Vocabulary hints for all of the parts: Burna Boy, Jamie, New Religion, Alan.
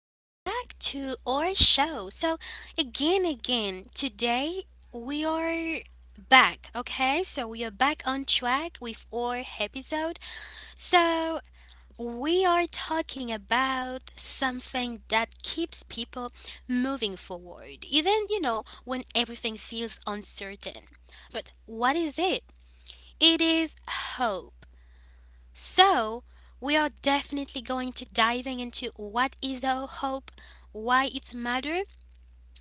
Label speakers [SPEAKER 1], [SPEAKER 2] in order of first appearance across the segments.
[SPEAKER 1] welcome back to our show. So, today we are back, okay? So, we are back on track with our episode. So, we are talking about something that keeps people moving forward, even when everything feels uncertain. But what is it? It is hope. So, we are definitely going to diving into what is our hope, why it's matter.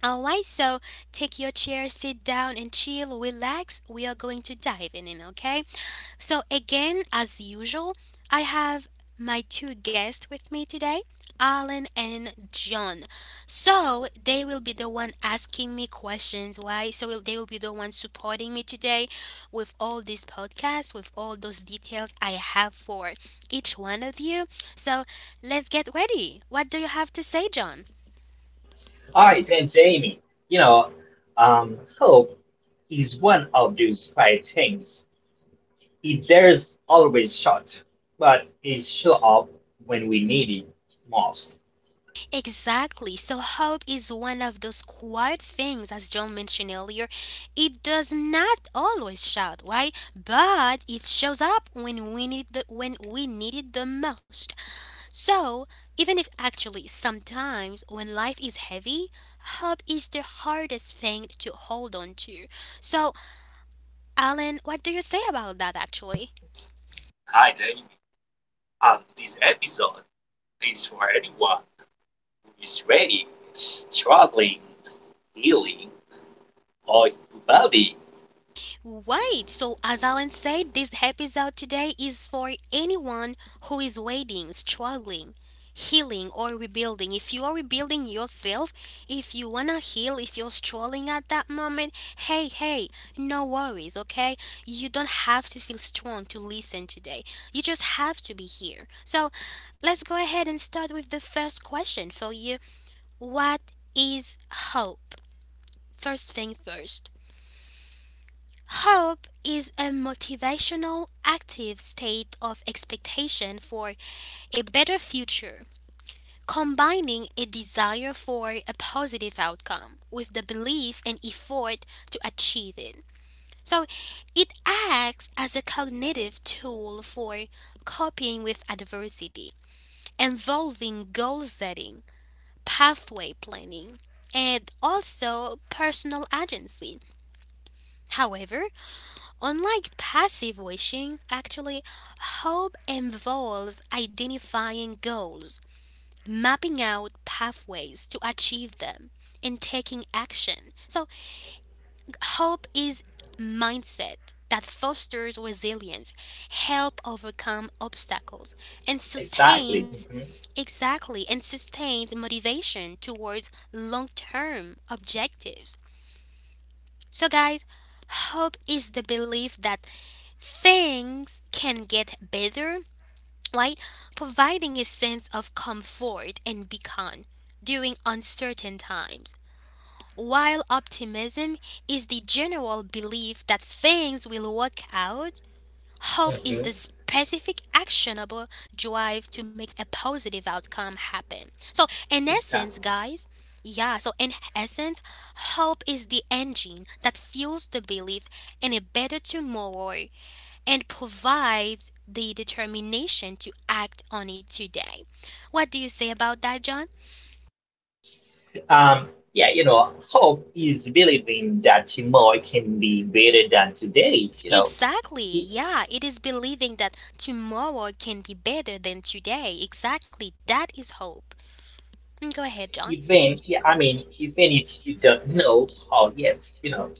[SPEAKER 1] Alright, so take your chair, sit down and chill, relax. We are going to dive in, okay? So, again, as usual, I have my two guests with me today, Alan and John. So, they will be the one asking me questions, right? So, they will be the one supporting me today with all these podcasts, with all those details I have for each one of you. So, let's get ready. What do you have to say, John?
[SPEAKER 2] Hi, and Jamie. You know, hope is one of those five things. It There's always short, but it show up when we need it most.
[SPEAKER 1] Exactly. So hope is one of those quiet things, as John mentioned earlier. It does not always shout, right? But it shows up when we need it the most. So even if actually sometimes when life is heavy, hope is the hardest thing to hold on to. So Alan, what do you say about that actually?
[SPEAKER 3] Hi, Jamie. This episode is for anyone who is ready, struggling, healing, or body.
[SPEAKER 1] Wait, so as Alan said, this episode today is for anyone who is waiting, struggling, healing, or rebuilding. If you are rebuilding yourself, if you wanna heal, if you're struggling at that moment, hey, hey, no worries, okay? You don't have to feel strong to listen today. You just have to be here. So let's go ahead and start with the first question for you. What is hope? First thing first. Hope is a motivational, active state of expectation for a better future, combining a desire for a positive outcome with the belief and effort to achieve it. So, it acts as a cognitive tool for coping with adversity, involving goal setting, pathway planning, and also personal agency. However, unlike passive wishing, actually, hope involves identifying goals, mapping out pathways to achieve them, and taking action. So, hope is mindset that fosters resilience, help overcome obstacles, and
[SPEAKER 2] Exactly.
[SPEAKER 1] sustains
[SPEAKER 2] Mhm.
[SPEAKER 1] exactly and sustains motivation towards long-term objectives. So guys, hope is the belief that things can get better, right? Providing a sense of comfort and beacon during uncertain times. While optimism is the general belief that things will work out, hope is
[SPEAKER 2] Mhm.
[SPEAKER 1] the specific actionable drive to make a positive outcome happen. So, in essence,
[SPEAKER 2] Exactly.
[SPEAKER 1] guys, yeah, so in essence, hope is the engine that fuels the belief in a better tomorrow and provides the determination to act on it today. What do you say about that, John?
[SPEAKER 2] Um, hope is believing that tomorrow can be better than today.
[SPEAKER 1] Exactly,
[SPEAKER 2] E-
[SPEAKER 1] yeah, it is believing that tomorrow can be better than today. Exactly, that is hope. Mm, go ahead, John.
[SPEAKER 2] even yeah, I mean, Even if you don't know how yet.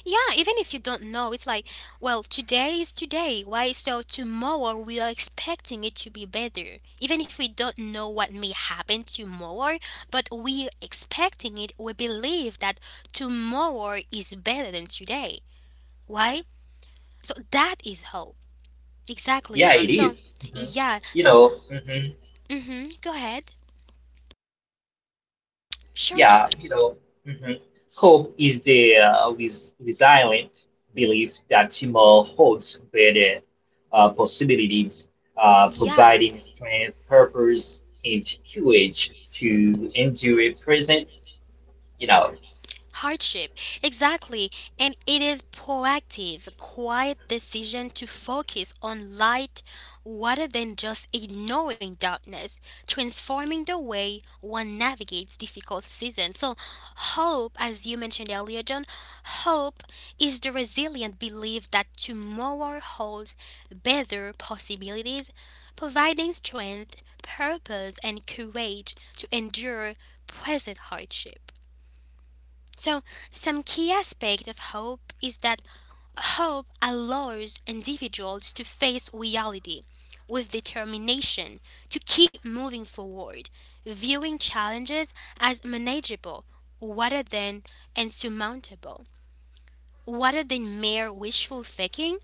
[SPEAKER 1] Yeah, even if you don't know, it's like, well, today is today. Why? So tomorrow we are expecting it to be better. Even if we don't know what may happen tomorrow, but we are expecting it, we believe that tomorrow is better than today. Why? So that is hope. Exactly,
[SPEAKER 2] Yeah,
[SPEAKER 1] John.
[SPEAKER 2] it
[SPEAKER 1] So,
[SPEAKER 2] is. Mhm.
[SPEAKER 1] yeah. So,
[SPEAKER 2] Mm-hmm.
[SPEAKER 1] mm-hmm, go ahead. Sure,
[SPEAKER 2] Yeah,
[SPEAKER 1] John.
[SPEAKER 2] you know, mhm. Hope is the resilient belief that tomorrow holds better possibilities,
[SPEAKER 1] Yeah.
[SPEAKER 2] providing strength, purpose, and courage to endure present, you know.
[SPEAKER 1] Hardship. Exactly. And it is proactive, quiet decision to focus on light rather than just ignoring darkness, transforming the way one navigates difficult seasons. So, hope, as you mentioned earlier, John, hope is the resilient belief that tomorrow holds better possibilities, providing strength, purpose, and courage to endure present hardship. So, some key aspect of hope is that hope allows individuals to face reality with determination to keep moving forward, viewing challenges as manageable rather than insurmountable. Rather than mere wishful thinking,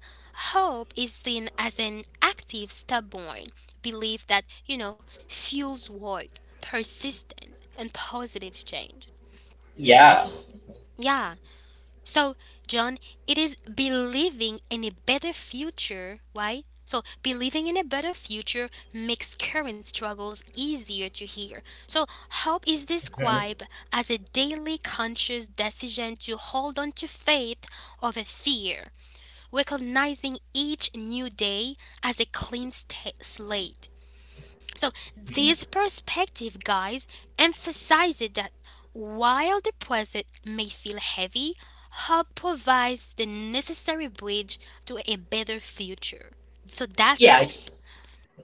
[SPEAKER 1] hope is seen as an active, stubborn belief that fuels work, persistence, and positive change.
[SPEAKER 2] Yeah.
[SPEAKER 1] Yeah, so, John, it is believing in a better future, right? So, believing in a better future makes current struggles easier to hear. So, hope is
[SPEAKER 2] Mhm,
[SPEAKER 1] described as a daily conscious decision to hold on to faith over fear, recognizing each new day as a clean sta slate. So, this
[SPEAKER 2] mhm.
[SPEAKER 1] perspective, guys, emphasizes that while the present may feel heavy, hope provides the necessary bridge to a better future. So, that's
[SPEAKER 2] Yeah, it's
[SPEAKER 1] hope.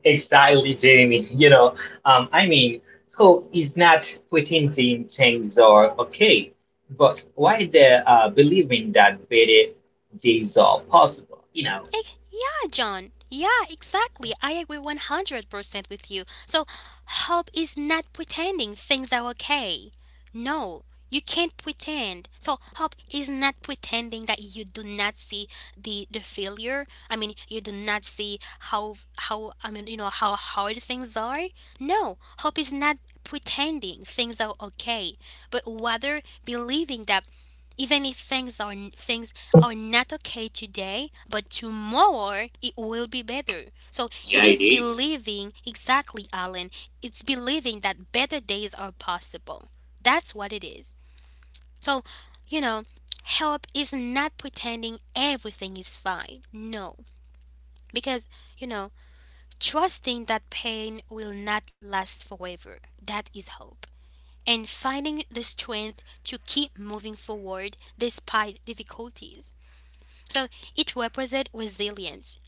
[SPEAKER 2] Exactly, Jamie. Um, I mean, hope is not pretending things are okay, but why they are believing that better days are possible.
[SPEAKER 1] Yeah, John. Yeah, exactly. I agree 100% with you. So, hope is not pretending things are okay. No, you can't pretend. So, hope is not pretending that you do not see the failure. I mean, you do not see how how I mean how hard things are. No, hope is not pretending things are okay, but rather believing that even if things are not okay today, but tomorrow it will be better. So it
[SPEAKER 3] Yeah, it
[SPEAKER 1] is
[SPEAKER 3] is.
[SPEAKER 1] believing exactly, Alan. It's believing that better days are possible. That's what it is. So, you know, help is not pretending everything is fine. No, because you know, trusting that pain will not last forever. That is hope and finding the strength to keep moving forward despite difficulties. So it represents resilience,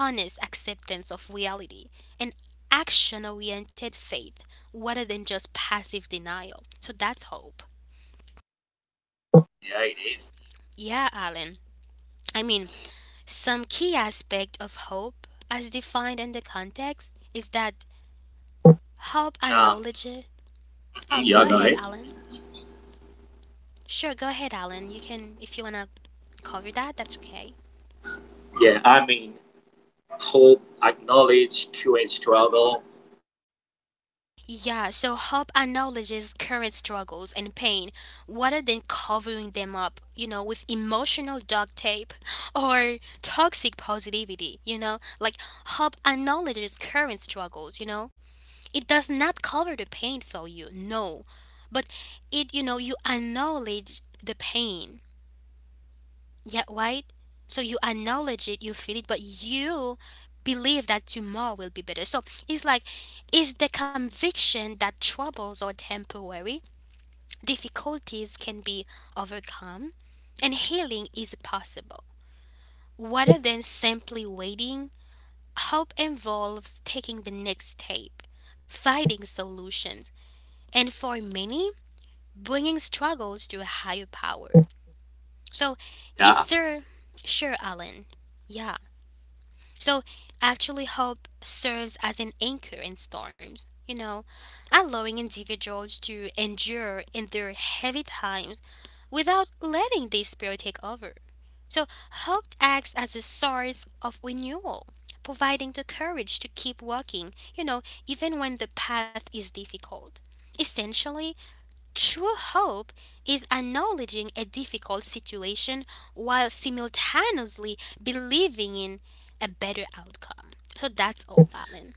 [SPEAKER 1] honest acceptance of reality, and action oriented faith rather than just passive denial. So that's hope.
[SPEAKER 3] Yeah, it is.
[SPEAKER 1] Yeah, Alan. I mean, some key aspect of hope, as defined in the context, is that hope
[SPEAKER 3] Um,
[SPEAKER 1] acknowledges. Oh,
[SPEAKER 3] mhm,
[SPEAKER 1] go
[SPEAKER 3] yeah, go
[SPEAKER 1] ahead,
[SPEAKER 3] ahead.
[SPEAKER 1] Alan. Sure, go ahead, Alan. You can, if you wanna cover that, that's okay.
[SPEAKER 3] Yeah, I mean, hope, acknowledge, QA struggle.
[SPEAKER 1] Yeah, so hope acknowledges current struggles and pain rather than covering them up with emotional duct tape or toxic positivity. Like, hope acknowledges current struggles. It does not cover the pain for you, no. But you acknowledge the pain yeah, right? So you acknowledge it, you feel it, but you believe that tomorrow will be better. So it's like, is the conviction that troubles are temporary, difficulties can be overcome, and healing is possible. Rather than simply waiting, hope involves taking the next step, finding solutions, and for many, bringing struggles to a higher power. So
[SPEAKER 3] Yeah.
[SPEAKER 1] it's there, sure, Alan. Yeah. So, actually, hope serves as an anchor in storms allowing individuals to endure in their heavy times without letting their spirit take over. So, hope acts as a source of renewal, providing the courage to keep walking even when the path is difficult. Essentially, true hope is acknowledging a difficult situation while simultaneously believing in a better outcome. So that's all, Alan.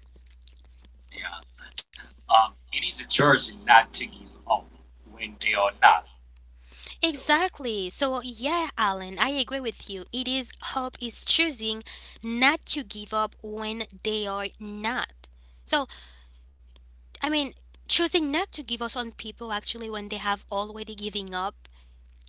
[SPEAKER 3] Yeah. It is a choice not to give up when they are not. So,
[SPEAKER 1] Exactly. So, yeah, Alan, I agree with you. It is hope is choosing not to give up when they are not. So, I mean, choosing not to give up on people actually when they have already giving up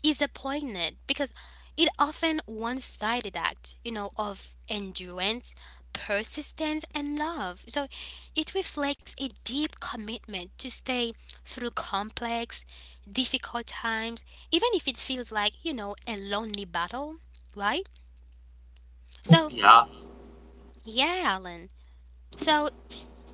[SPEAKER 1] is appointed because it often one-sided act of endurance, persistence and love. So it reflects a deep commitment to stay through complex, difficult times, even if it feels like a lonely battle, right? So
[SPEAKER 3] yeah.
[SPEAKER 1] yeah, Alan. So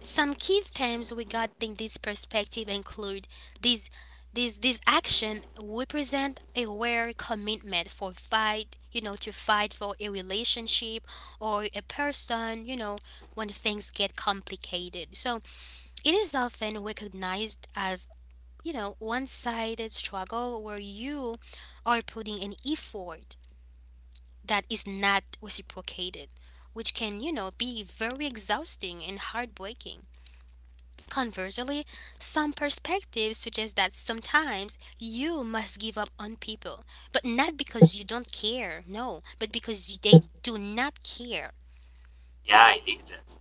[SPEAKER 1] some key themes regarding this perspective include these these action represent a rare commitment for fight to fight for a relationship or a person when things get complicated. So it is often recognized as one sided struggle where you are putting an effort that is not reciprocated, which can be very exhausting and heartbreaking. Conversely, some perspectives suggest that sometimes you must give up on people, but not because you don't care, no, but because they do not care.
[SPEAKER 3] Yeah, it is.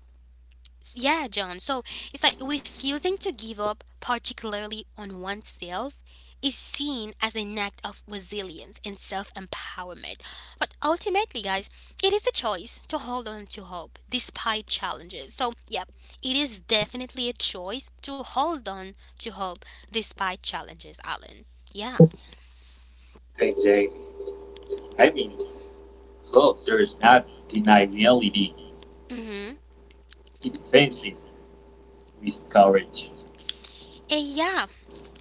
[SPEAKER 1] Yeah, John. So it's like refusing to give up, particularly on oneself, is seen as an act of resilience and self empowerment. But ultimately, guys, it is a choice to hold on to hope despite challenges. So, yeah, it is definitely a choice to hold on to hope despite challenges, Alan. Yeah.
[SPEAKER 3] Thanks, Jamie. I mean, hope does not deny reality.
[SPEAKER 1] Mm-hmm.
[SPEAKER 3] It faces with courage.
[SPEAKER 1] And yeah,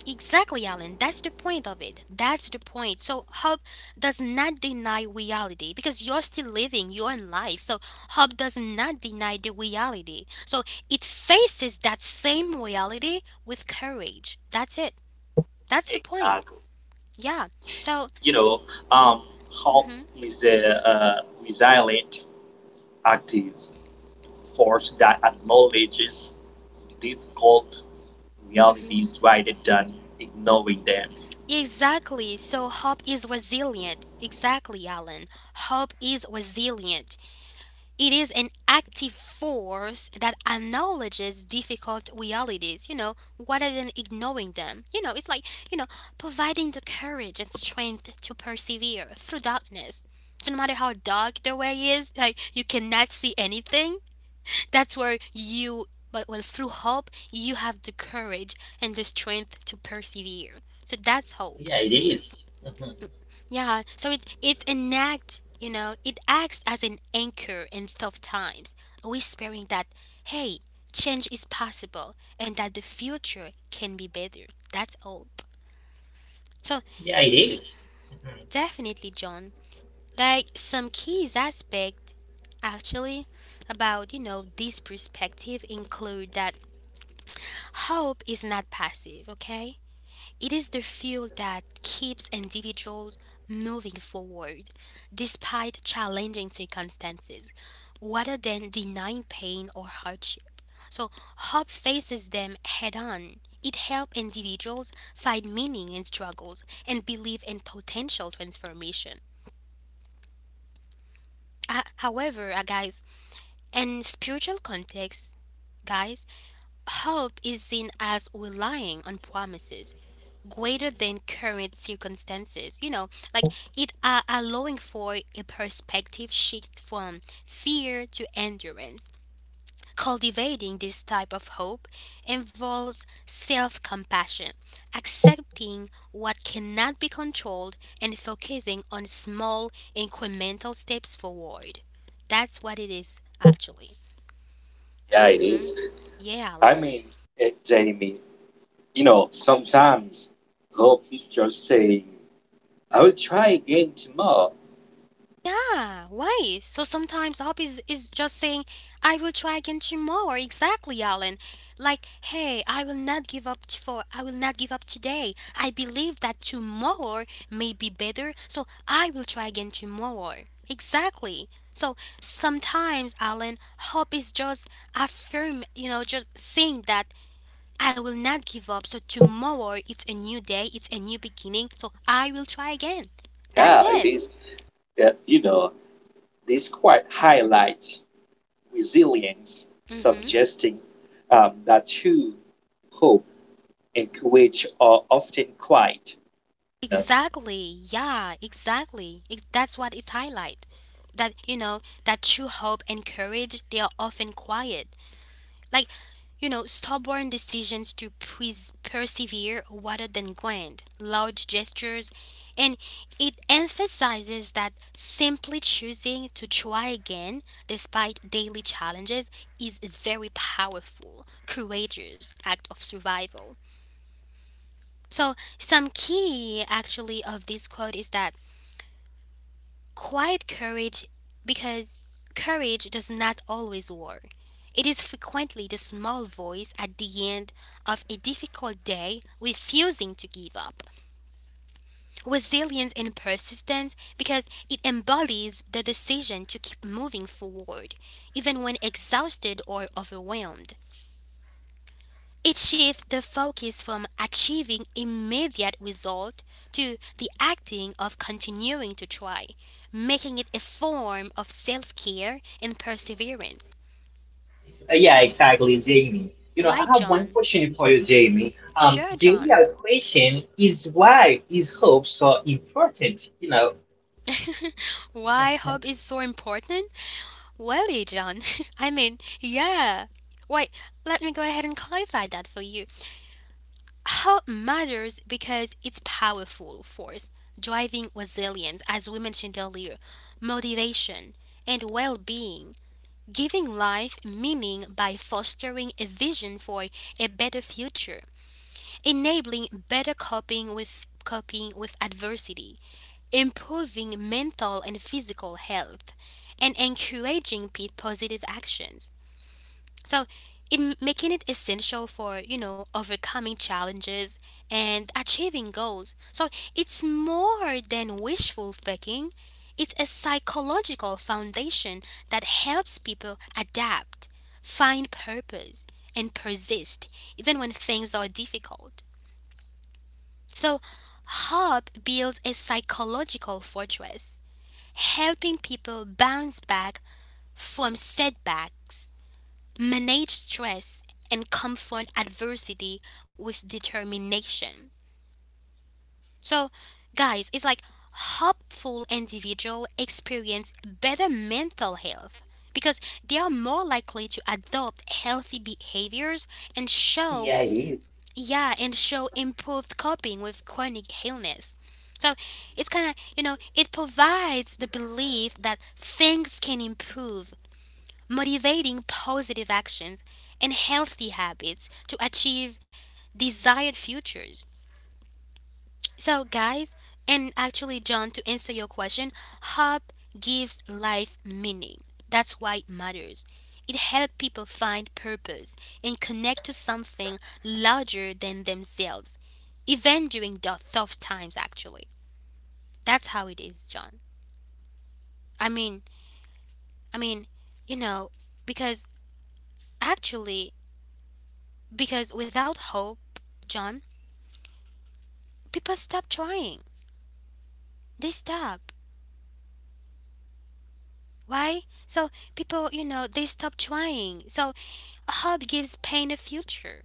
[SPEAKER 1] exactly, Alan. That's the point of it. That's the point. So hope does not deny reality because you're still living your life. So hope does not deny the reality. So it faces that same reality with courage. That's it. That's the point.
[SPEAKER 3] Exactly.
[SPEAKER 1] Yeah. So.
[SPEAKER 3] you know, um, hope
[SPEAKER 1] Hmm.
[SPEAKER 3] is a resilient, active force that acknowledges difficult
[SPEAKER 1] Hmm.
[SPEAKER 3] realities rather than ignoring them.
[SPEAKER 1] Exactly. So hope is resilient. Exactly, Alan. Hope is resilient. It is an active force that acknowledges difficult realities rather than ignoring them. It's like, you know, providing the courage and strength to persevere through darkness. So no matter how dark the way is, like you cannot see anything, that's where you, but well, through hope, you have the courage and the strength to persevere. So that's hope.
[SPEAKER 2] Yeah, it is. Mhm.
[SPEAKER 1] Yeah, so it's an act it acts as an anchor in tough times, whispering that hey, change is possible and that the future can be better. That's hope. So
[SPEAKER 2] Yeah, it is. Mhm.
[SPEAKER 1] definitely, John. Like some keys aspect actually about this perspective include that hope is not passive, okay? It is the fuel that keeps individuals moving forward despite challenging circumstances rather than denying pain or hardship. So, hope faces them head on. It helps individuals find meaning in struggles and believe in potential transformation. However, guys, in spiritual context, guys, hope is seen as relying on promises greater than current circumstances. You know, like it allowing for a perspective shift from fear to endurance. Cultivating this type of hope involves self compassion, accepting what cannot be controlled, and focusing on small incremental steps forward. That's what it is, actually.
[SPEAKER 3] Yeah,
[SPEAKER 1] Mm
[SPEAKER 3] it
[SPEAKER 1] hmm.
[SPEAKER 3] is.
[SPEAKER 1] Yeah,
[SPEAKER 3] I
[SPEAKER 1] Alan.
[SPEAKER 3] mean, Jamie, you know, sometimes hope is just saying, I will try again tomorrow.
[SPEAKER 1] Yeah, why? So sometimes hope is just saying, I will try again tomorrow. Exactly, Alan. Like, hey, I will not give up today. I believe that tomorrow may be better, so I will try again tomorrow. Exactly. So sometimes, Alan, hope is just just saying that I will not give up. So tomorrow it's a new day, it's a new beginning. So I will try again. That's
[SPEAKER 3] Yeah, it
[SPEAKER 1] it.
[SPEAKER 3] is. Yeah, you know, this quite highlights resilience,
[SPEAKER 1] Mhm.
[SPEAKER 3] suggesting that true hope in Kuwait are often quiet. No,
[SPEAKER 1] Exactly. Yeah, exactly. That's what it's highlight. That you know, that true hope and courage, they are often quiet. Like, you know, stubborn decisions to persevere rather than grand, large gestures, and it emphasizes that simply choosing to try again despite daily challenges is a very powerful, courageous act of survival. So, some key actually of this quote is that quiet courage, because courage does not always war. It is frequently the small voice at the end of a difficult day refusing to give up. Resilience and persistence, because it embodies the decision to keep moving forward, even when exhausted or overwhelmed. It shifts the focus from achieving immediate result to the acting of continuing to try, making it a form of self-care and perseverance.
[SPEAKER 2] Yeah, exactly, Jamie. I
[SPEAKER 1] Why
[SPEAKER 2] have one
[SPEAKER 1] John?
[SPEAKER 2] question for you, Jamie.
[SPEAKER 1] Sure
[SPEAKER 2] The
[SPEAKER 1] John.
[SPEAKER 2] real question is, why is hope so important?
[SPEAKER 1] Why hope is so important? Well, John, I mean, yeah. Wait, let me go ahead and clarify that for you. Hope matters because it's powerful force driving resilience, as we mentioned earlier, motivation, and well being, giving life meaning by fostering a vision for a better future, enabling better coping with adversity, improving mental and physical health, and encouraging positive actions. So, in making it essential for, you know, overcoming challenges and achieving goals. So, it's more than wishful thinking, it's a psychological foundation that helps people adapt, find purpose, and persist even when things are difficult. So, hope builds a psychological fortress, helping people bounce back from setbacks, manage stress, and confront adversity with determination. So, guys, it's like hopeful individuals experience better mental health because they are more likely to adopt healthy behaviors and show
[SPEAKER 2] Yeah, it is.
[SPEAKER 1] yeah and show improved coping with chronic illness. So it's kind of, you know, it provides the belief that things can improve, motivating positive actions and healthy habits to achieve desired futures. So, guys, and actually, John, to answer your question, hope gives life meaning. That's why it matters. It helps people find purpose and connect to something larger than themselves, even during the tough times. Actually, that's how it is, John. I mean, I mean, you know, because actually, because without hope, John, people stop trying. They stop. Why? So people, you know, they stop trying. So hope gives pain a future.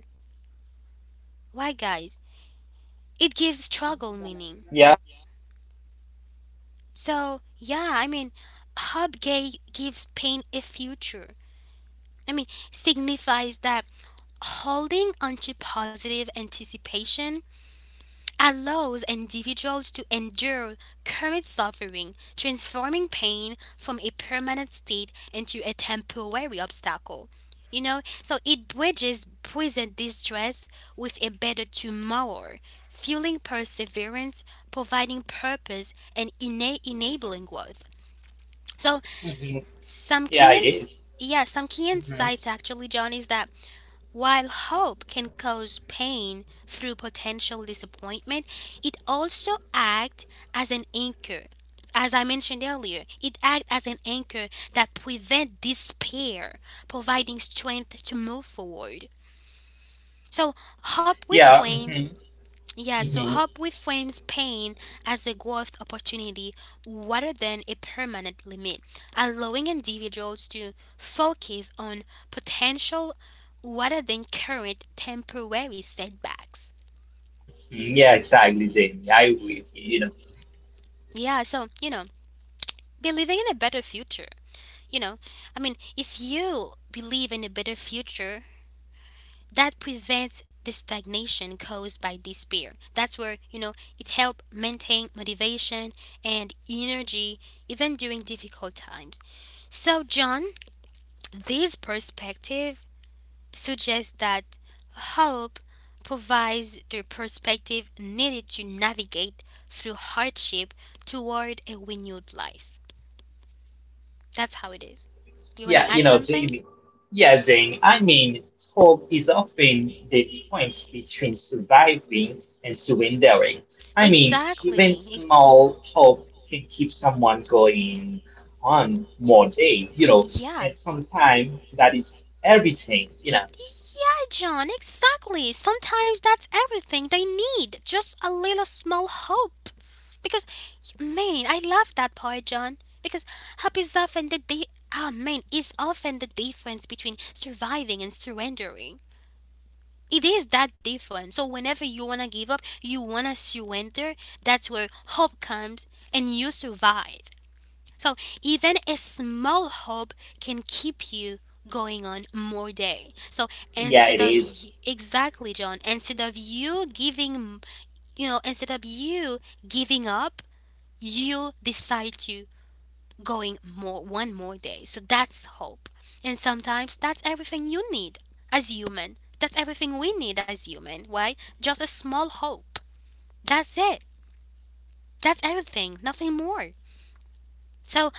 [SPEAKER 1] Why, guys? It gives struggle meaning.
[SPEAKER 2] Yeah.
[SPEAKER 1] So, yeah, I mean, hope gives pain a future. I mean, signifies that holding onto positive anticipation allows individuals to endure current suffering, transforming pain from a permanent state into a temporary obstacle. You know, so it bridges present distress with a better tomorrow, fueling perseverance, providing purpose, and enabling growth. So
[SPEAKER 2] Mhm.
[SPEAKER 1] some
[SPEAKER 2] Yeah, it is.
[SPEAKER 1] yeah, some key
[SPEAKER 2] Mhm.
[SPEAKER 1] insights actually, John, is that while hope can cause pain through potential disappointment, it also acts as an anchor. As I mentioned earlier, it acts as an anchor that prevents despair, providing strength to move forward. So, hope
[SPEAKER 2] Yeah.
[SPEAKER 1] reframes yeah, so
[SPEAKER 2] Hmm.
[SPEAKER 1] hope reframes pain as a growth opportunity rather than a permanent limit, allowing individuals to focus on potential rather than current temporary setbacks.
[SPEAKER 2] Yeah, exactly, Jamie. I agree with you. You know,
[SPEAKER 1] Yeah, so, you know, believing in a better future. You know, I mean, if you believe in a better future, that prevents the stagnation caused by despair. That's where, you know, it helps maintain motivation and energy even during difficult times. So, John, this perspective suggests that hope provides the perspective needed to navigate through hardship toward a renewed life. That's how it is. You want
[SPEAKER 2] yeah,
[SPEAKER 1] to
[SPEAKER 2] you
[SPEAKER 1] add
[SPEAKER 2] know,
[SPEAKER 1] something?
[SPEAKER 2] Jamie. Yeah, Jamie, hope is often the difference between surviving and surrendering. Even
[SPEAKER 1] Exactly.
[SPEAKER 2] small hope can keep someone going on more day,
[SPEAKER 1] Yeah.
[SPEAKER 2] and sometimes that is everything.
[SPEAKER 1] Yeah, John, exactly. Sometimes that's everything they need. Just a little small hope. Because, man, I love that part, John. Because hope is often the ah, man, is often the difference between surviving and surrendering. It is that different. So whenever you wanna give up, you wanna surrender. That's where hope comes, and you survive. So even a small hope can keep you going on more day. So
[SPEAKER 2] Yeah, it
[SPEAKER 1] instead of
[SPEAKER 2] is.
[SPEAKER 1] you, exactly John, instead of you giving up, you decide to going more one more day. So that's hope. And sometimes that's everything you need as human. That's everything we need as human, right? Just a small hope. That's it. That's everything, nothing more. So,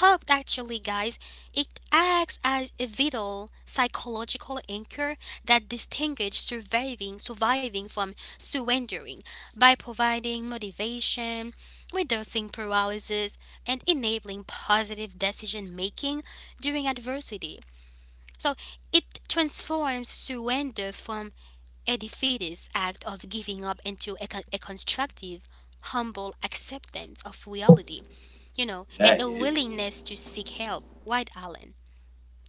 [SPEAKER 1] hope actually, guys, it acts as a vital psychological anchor that distinguishes surviving from surrendering by providing motivation, reducing paralysis, and enabling positive decision making during adversity. So, it transforms surrender from a defeatist act of giving up into a constructive, humble acceptance of reality, you know,
[SPEAKER 3] yeah,
[SPEAKER 1] and a
[SPEAKER 3] it is.
[SPEAKER 1] willingness to seek help. Right, Alan?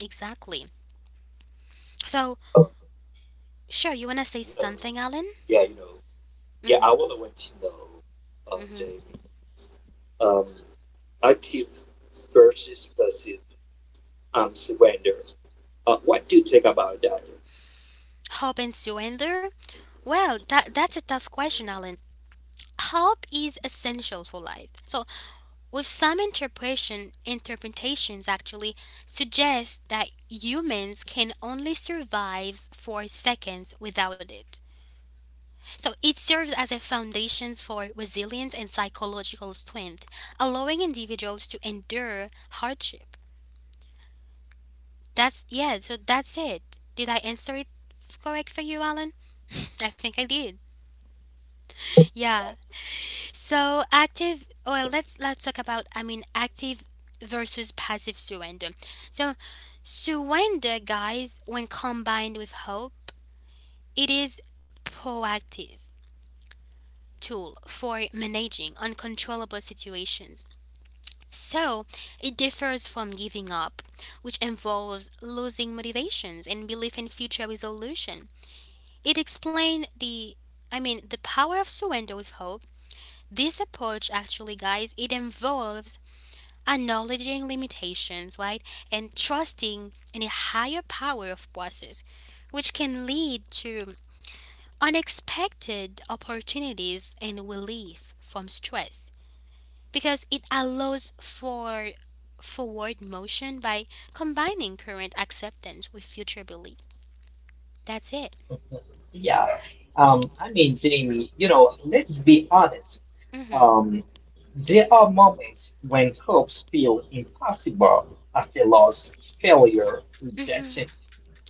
[SPEAKER 1] Exactly. So,
[SPEAKER 3] Um,
[SPEAKER 1] sure, you wanna say
[SPEAKER 3] you know,
[SPEAKER 1] something, Alan?
[SPEAKER 3] yeah, you know, yeah.
[SPEAKER 1] Mm-hmm.
[SPEAKER 3] I want to know,
[SPEAKER 1] Mm-hmm.
[SPEAKER 3] Jamie, um, active versus passive surrender. What do you think about that?
[SPEAKER 1] Hope and surrender? Well, that's a tough question, Alan. Hope is essential for life. So, with some interpretations actually suggest that humans can only survive for seconds without it. So it serves as a foundation for resilience and psychological strength, allowing individuals to endure hardship. That's yeah, so that's it. Did I answer it correct for you, Alan? I think I did. Yeah. So active, well, let's talk about I mean active versus passive surrender. So surrender, guys, when combined with hope, it is proactive tool for managing uncontrollable situations. So, it differs from giving up, which involves losing motivations and belief in future resolution. It explained the I mean the power of surrender with hope. This approach actually guys it involves acknowledging limitations, right? And trusting in a higher power of process, which can lead to unexpected opportunities and relief from stress because it allows for forward motion by combining current acceptance with future belief. That's it.
[SPEAKER 2] Yeah. Jamie, let's be honest.
[SPEAKER 1] Mm-hmm.
[SPEAKER 2] Um. There are moments when hopes feel impossible after loss, failure,
[SPEAKER 1] Mm-hmm.
[SPEAKER 2] rejection.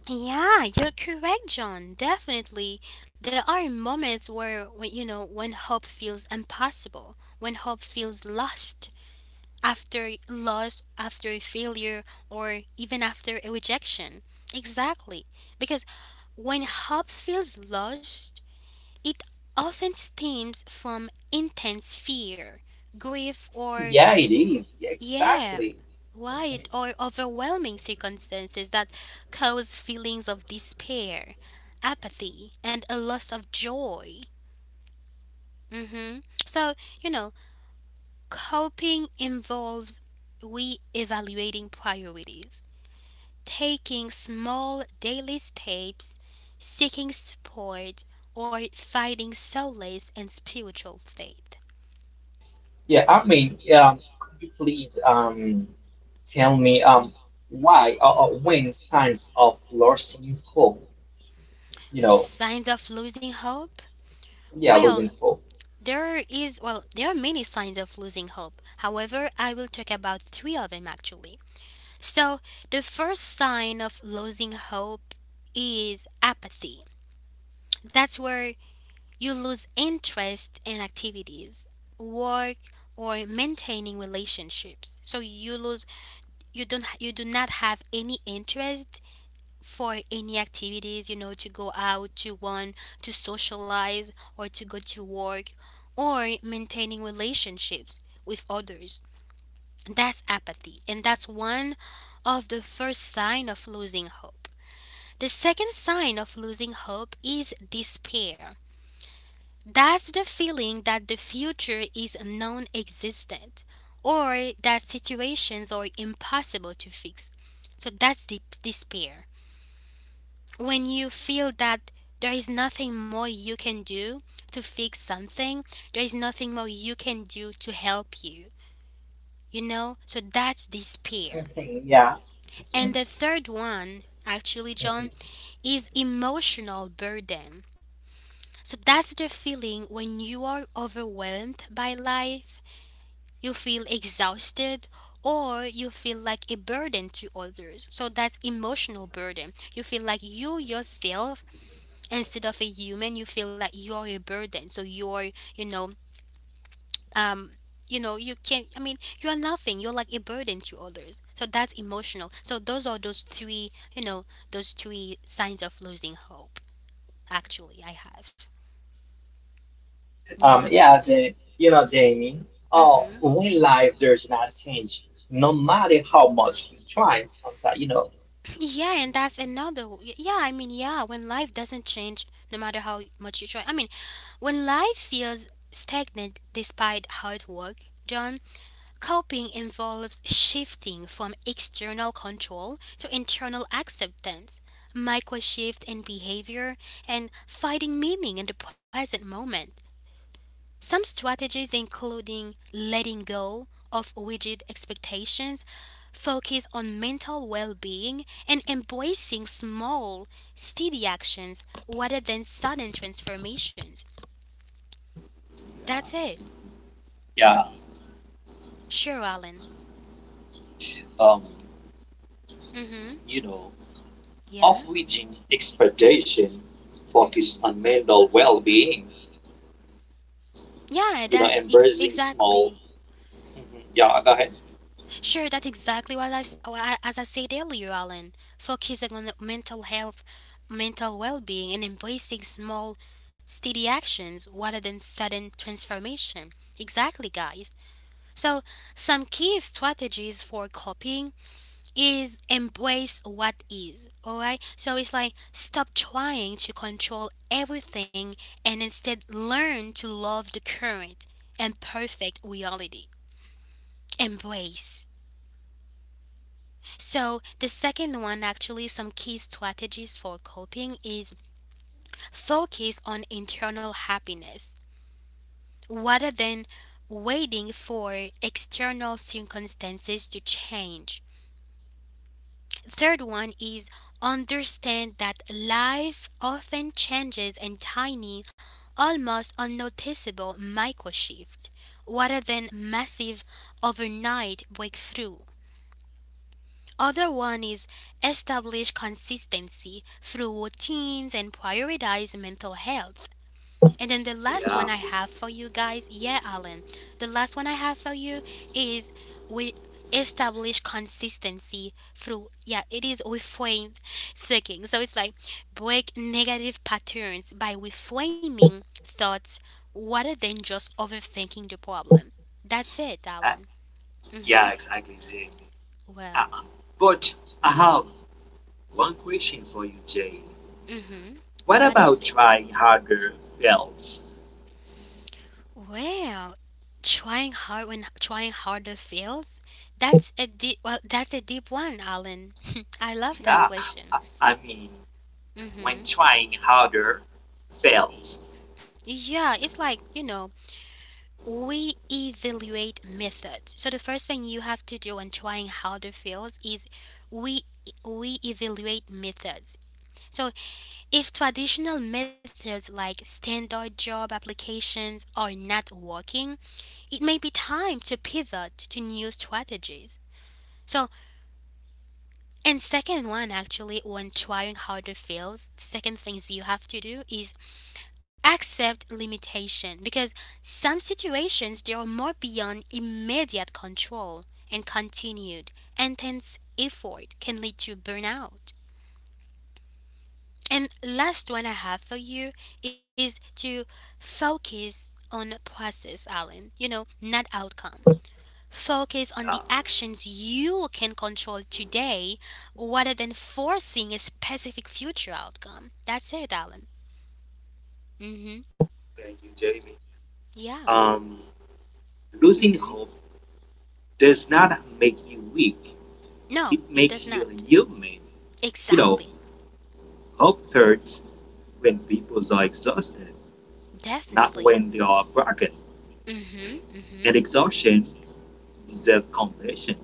[SPEAKER 1] Yeah, you're correct, John. Definitely, there are moments where, when, you know, when hope feels impossible, when hope feels lost after loss, after failure, or even after a rejection. Exactly, because when hope feels lost, it often stems from intense fear, grief, or,
[SPEAKER 2] Yeah, it is. Yeah,
[SPEAKER 1] yeah,
[SPEAKER 2] exactly.
[SPEAKER 1] wide or overwhelming circumstances that cause feelings of despair, apathy, and a loss of joy. Hmm. So, you know, coping involves re evaluating priorities, taking small daily steps, seeking support, or finding solace and spiritual faith.
[SPEAKER 2] Could you please tell me why or when signs of losing hope, you know,
[SPEAKER 1] Signs of losing hope?
[SPEAKER 2] yeah,
[SPEAKER 1] Well,
[SPEAKER 2] losing hope.
[SPEAKER 1] there is well, there are many signs of losing hope. However, I will talk about 3 of them actually. So, the first sign of losing hope is apathy. That's where you lose interest in activities, work or maintaining relationships. So you lose you do not have any interest for any activities, you know, to go out, to one, to socialize, or to go to work, or maintaining relationships with others. That's apathy, and that's one of the first sign of losing hope. The second sign of losing hope is despair. That's the feeling that the future is non existent or that situations are impossible to fix. So that's the despair, when you feel that there is nothing more you can do to fix something, there is nothing more you can do to help you, you know? So that's despair.
[SPEAKER 2] Mhm, yeah.
[SPEAKER 1] And
[SPEAKER 2] Mhm,
[SPEAKER 1] the third one, actually, John,
[SPEAKER 2] mhm.
[SPEAKER 1] is emotional burden. So that's the feeling when you are overwhelmed by life, you feel exhausted, or you feel like a burden to others. So that's emotional burden. You feel like you yourself instead of a human you feel like you're a burden, so you're, you know, um you know, you can't I mean you're nothing, you're like a burden to others, so that's emotional. So those are those three, you know, those three signs of losing hope actually I have yeah.
[SPEAKER 2] Um, yeah, Ja- Jamie, oh,
[SPEAKER 1] Mm-hmm.
[SPEAKER 2] when life does not change, no matter how much you try, sometimes.
[SPEAKER 1] Yeah and that's another yeah I mean yeah when life doesn't change no matter how much you try I mean when life feels stagnant despite hard work, John. Coping involves shifting from external control to internal acceptance, micro shift in behavior, and finding meaning in the present moment. Some strategies including letting go of rigid expectations, focus on mental well-being and embracing small, steady actions rather than sudden transformations. That's it.
[SPEAKER 3] Yeah,
[SPEAKER 1] Sure, Alan.
[SPEAKER 3] um,
[SPEAKER 1] Mm-hmm.
[SPEAKER 3] you know,
[SPEAKER 1] Yeah.
[SPEAKER 3] off-reaching expectation, focus
[SPEAKER 1] Mm-hmm.
[SPEAKER 3] on mental well-being.
[SPEAKER 1] Yeah,
[SPEAKER 3] You know,
[SPEAKER 1] that's
[SPEAKER 3] embracing small.
[SPEAKER 1] exactly.
[SPEAKER 3] Mm-hmm. Yeah, go ahead.
[SPEAKER 1] Sure, that's exactly what I, s- what I- as I said earlier, Alan. Focusing on the mental health, mental well-being, and embracing small, steady actions rather than sudden transformation. Exactly, guys. So, some key strategies for coping is embrace what is. All right. So it's like stop trying to control everything and instead learn to love the current and perfect reality. Embrace. So, the second one, actually, some key strategies for coping is focus on internal happiness rather than waiting for external circumstances to change. Third one is understand that life often changes in tiny, almost unnoticeable micro shifts rather than massive overnight breakthrough. Other one is establish consistency through routines and prioritize mental health. And then the last
[SPEAKER 3] Yeah,
[SPEAKER 1] one I have for you guys, yeah, Alan, the last one I have for you is we establish consistency through, yeah, it is reframe thinking. So it's like break negative patterns by reframing thoughts rather than just overthinking the problem. That's it,
[SPEAKER 3] uh,
[SPEAKER 1] Alan. Hmm.
[SPEAKER 3] yeah, exactly, Jamie.
[SPEAKER 1] Well.
[SPEAKER 3] Uh, but how, one question for you, Jane.
[SPEAKER 1] Mm-hmm.
[SPEAKER 3] What
[SPEAKER 1] What is
[SPEAKER 3] about
[SPEAKER 1] it?
[SPEAKER 3] trying harder fails?
[SPEAKER 1] Well, trying hard when trying harder fails. That's a deep. Well, that's a deep one, Alan. I love that
[SPEAKER 3] Yeah,
[SPEAKER 1] question.
[SPEAKER 3] I mean, when
[SPEAKER 1] Mm-hmm.
[SPEAKER 3] trying harder fails.
[SPEAKER 1] Yeah, it's like we evaluate methods. So the first thing you have to do when trying harder fails is we we evaluate methods. So if traditional methods like standard job applications are not working, it may be time to pivot to new strategies. So, and second one actually, when trying harder fails, second things you have to do is accept limitation because some situations they are more beyond immediate control and continued intense effort can lead to burnout. And last one I have for you is to focus on process, Alan, not outcome. Focus on
[SPEAKER 3] Yeah,
[SPEAKER 1] the actions you can control today rather than forcing a specific future outcome. That's it, Alan. Mm-hmm.
[SPEAKER 3] thank you, Jamie.
[SPEAKER 1] Yeah.
[SPEAKER 3] Um, losing
[SPEAKER 1] Mm-hmm.
[SPEAKER 3] hope does not make you weak,
[SPEAKER 1] No,
[SPEAKER 3] it
[SPEAKER 1] it does
[SPEAKER 3] makes you
[SPEAKER 1] not.
[SPEAKER 3] human. You know,
[SPEAKER 1] Exactly.
[SPEAKER 3] hope hurts when people are exhausted,
[SPEAKER 1] Definitely.
[SPEAKER 3] not when they are broken.
[SPEAKER 1] Mm-hmm. Mm-hmm.
[SPEAKER 3] And exhaustion deserves compassion.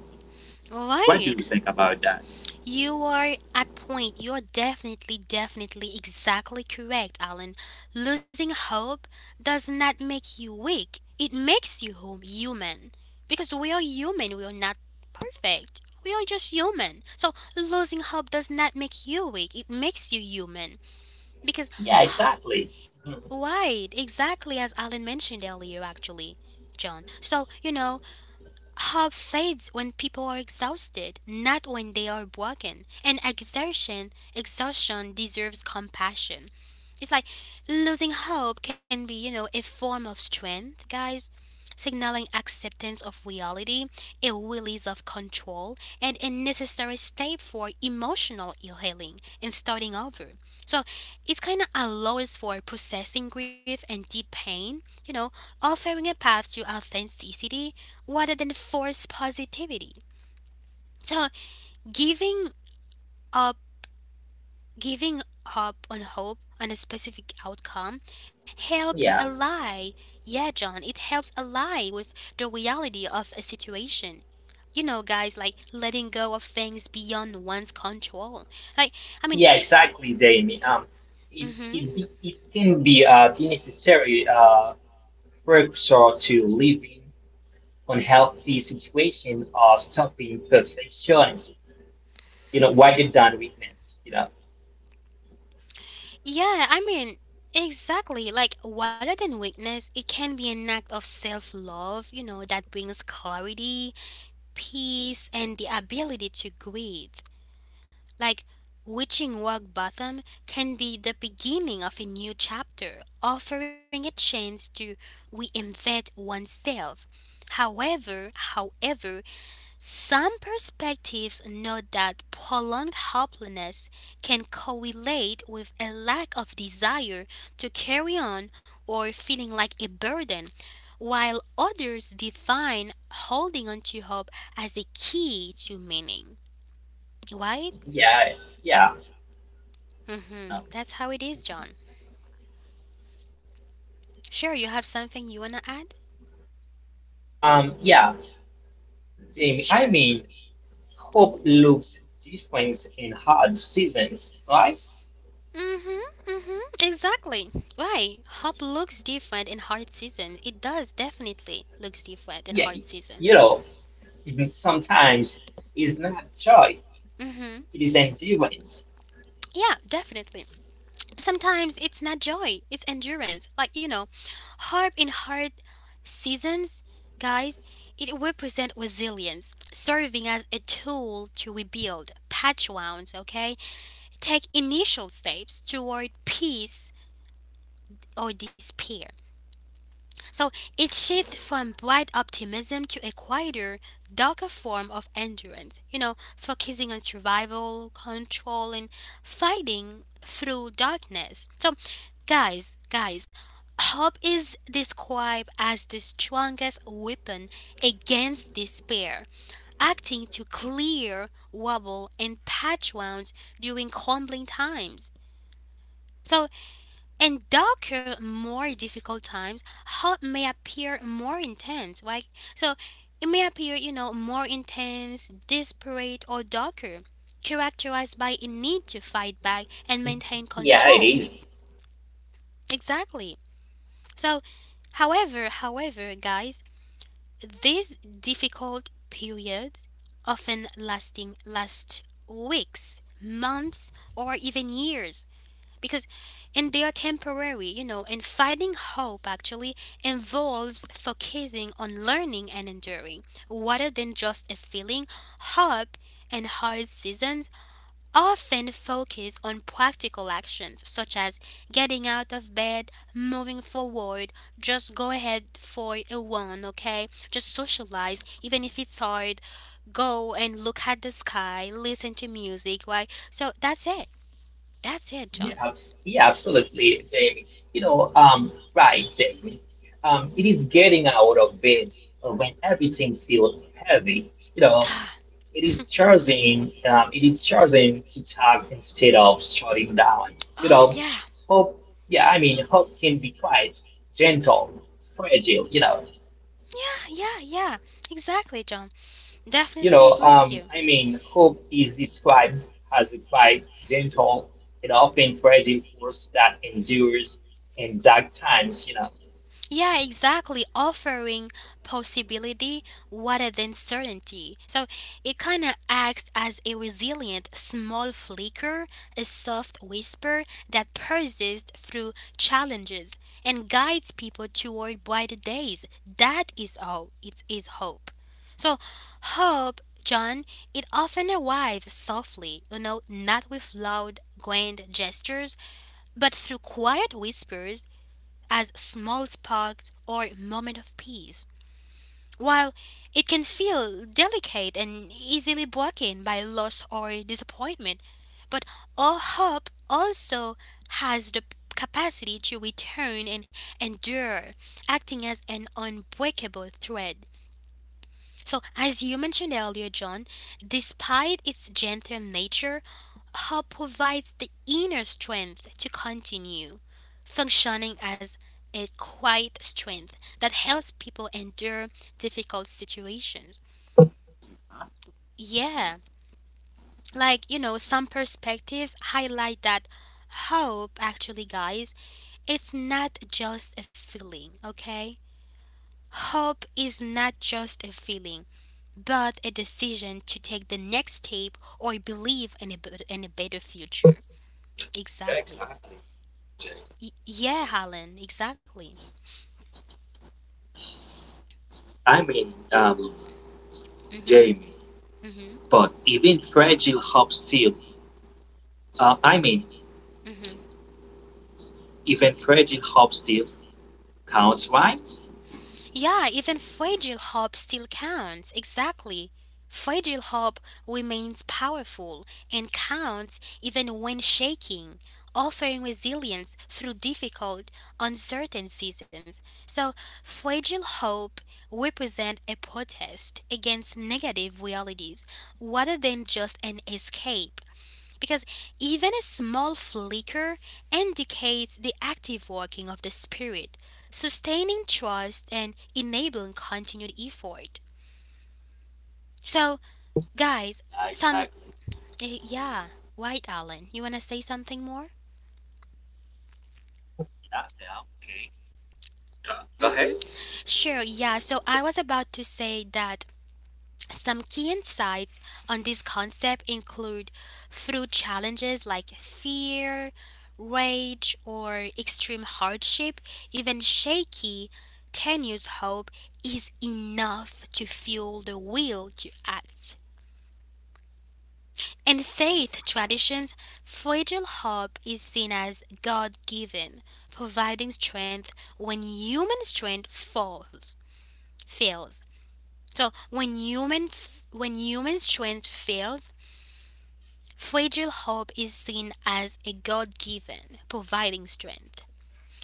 [SPEAKER 1] Right.
[SPEAKER 3] What do you think about that?
[SPEAKER 1] You are at point. You're definitely, definitely, exactly correct, Alan. Losing hope does not make you weak. It makes you human. Because we are human. We are not perfect. We are just human. So losing hope does not make you weak. It makes you human. Because
[SPEAKER 2] Yeah, exactly. Mhm.
[SPEAKER 1] right, exactly as Alan mentioned earlier, actually, John. So hope fades when people are exhausted, not when they are broken. And exhaustion deserves compassion. It's like losing hope can be, a form of strength, guys, signaling acceptance of reality, a release of control, and a necessary step for emotional healing and starting over. So it kind of allows for processing grief and deep pain, offering a path to authenticity rather than forced positivity. So giving up giving up on hope on a specific outcome helps
[SPEAKER 2] Yeah,
[SPEAKER 1] ally. Yeah, John, it helps ally with the reality of a situation, guys, like letting go of things beyond one's control. Like, I mean,
[SPEAKER 2] yeah, exactly, Jamie. It's
[SPEAKER 1] hmm
[SPEAKER 2] it, be- it can be the necessary precursor to living unhealthy situation or stopping perfectionism, rather than weakness.
[SPEAKER 1] yeah, I mean, exactly, like rather than weakness it can be an act of self-love, that brings clarity, peace, and the ability to grieve. Like reaching rock bottom can be the beginning of a new chapter, offering a chance to reinvent oneself. However, some perspectives note that prolonged hopelessness can correlate with a lack of desire to carry on or feeling like a burden, while others define holding on to hope as a key to meaning. Right?
[SPEAKER 2] Yeah, yeah, no.
[SPEAKER 1] That's how it is, John. Sure, you have something you want to add?
[SPEAKER 2] Um, yeah, Jamie,
[SPEAKER 1] Sure.
[SPEAKER 2] hope looks different in hard seasons, right?
[SPEAKER 1] Mm-hmm. Mm-hmm. Exactly. Right. Hope looks different in hard seasons. It does definitely looks different in
[SPEAKER 2] Yeah,
[SPEAKER 1] hard
[SPEAKER 2] you
[SPEAKER 1] seasons.
[SPEAKER 2] know, mhm, sometimes it's not joy;
[SPEAKER 1] Mm-hmm.
[SPEAKER 2] it is endurance.
[SPEAKER 1] Yeah, definitely. Sometimes it's not joy, it's endurance. Like, hard seasons, guys, it represent resilience, serving as a tool to rebuild, patch wounds, okay? Take initial steps toward peace or despair. So it shifts from bright optimism to a quieter, darker form of endurance, focusing on survival, control, and fighting through darkness. So, guys, hope is described as the strongest weapon against despair, acting to clear, wobble, and patch wounds during crumbling times. So, in darker, more difficult times, hope may appear more intense. Like so, it may appear, more intense, desperate, or darker, characterized by a need to fight back and maintain
[SPEAKER 2] Yeah, it
[SPEAKER 1] control.
[SPEAKER 2] is.
[SPEAKER 1] Exactly. So, however, guys, these difficult periods often last weeks, months, or even years, because and they are temporary, and finding hope actually involves focusing on learning and enduring rather than just a feeling. Hope and hard seasons often focus on practical actions, such as getting out of bed, moving forward, just go ahead for a run, okay, just socialize even if it's hard, go and look at the sky, listen to music, right? So that's it. That's it, John.
[SPEAKER 2] Absolutely, Jamie. Jamie, it is getting out of bed when everything feels heavy. You know, it is it is choosing to talk instead of shutting down. You
[SPEAKER 1] Oh,
[SPEAKER 2] know,
[SPEAKER 1] yeah.
[SPEAKER 2] Hope, hope can be quite gentle, fragile.
[SPEAKER 1] Yeah, yeah, yeah. Exactly, John. Definitely agree with you.
[SPEAKER 2] Hope is described as a quiet, gentle, and often present force that endures in dark times.
[SPEAKER 1] Yeah, exactly. Offering possibility rather than certainty. So it kind of acts as a resilient small flicker, a soft whisper that persists through challenges and guides people toward brighter days. That is all. It is hope. So, hope, John, it often arrives softly, not with loud, grand gestures but through quiet whispers as small sparks or moment of peace. While it can feel delicate and easily broken by loss or disappointment, but all hope also has the capacity to return and endure, acting as an unbreakable thread. So, as you mentioned earlier, John, despite its gentle nature, hope provides the inner strength to continue, functioning as a quiet strength that helps people endure difficult situations. Yeah, like some perspectives highlight that hope actually, guys, it's not just a feeling, okay? Hope is not just a feeling, but a decision to take the next step or believe in a, in a better future.
[SPEAKER 3] Yeah,
[SPEAKER 1] Exactly.
[SPEAKER 3] exactly.
[SPEAKER 1] Yeah, Helen, exactly.
[SPEAKER 3] I mean,
[SPEAKER 1] Mm hmm,
[SPEAKER 3] Jamie.
[SPEAKER 1] mm hmm,
[SPEAKER 3] But even fragile hope still, I mean,
[SPEAKER 1] mm hmm.
[SPEAKER 3] even fragile hope still counts, right?
[SPEAKER 1] Yeah, even fragile hope still counts. Exactly. Fragile hope remains powerful and counts even when shaking, offering resilience through difficult, uncertain seasons. So, fragile hope represents a protest against negative realities rather than just an escape, because even a small flicker indicates the active working of the spirit, sustaining trust and enabling continued effort. So, guys,
[SPEAKER 3] Yeah,
[SPEAKER 1] some
[SPEAKER 3] exactly.
[SPEAKER 1] yeah, White Allen, you want to say something more?
[SPEAKER 3] Yeah, yeah, okay. Yeah. Go ahead.
[SPEAKER 1] Mhm. Sure. Yeah, so I was about to say that some key insights on this concept include through challenges like fear, rage, or extreme hardship, even shaky, tenuous hope is enough to fuel the will to act. In faith traditions, fragile hope is seen as God given, providing strength when human strength fails. So when human, when human strength fails, fragile hope is seen as a God given, providing strength.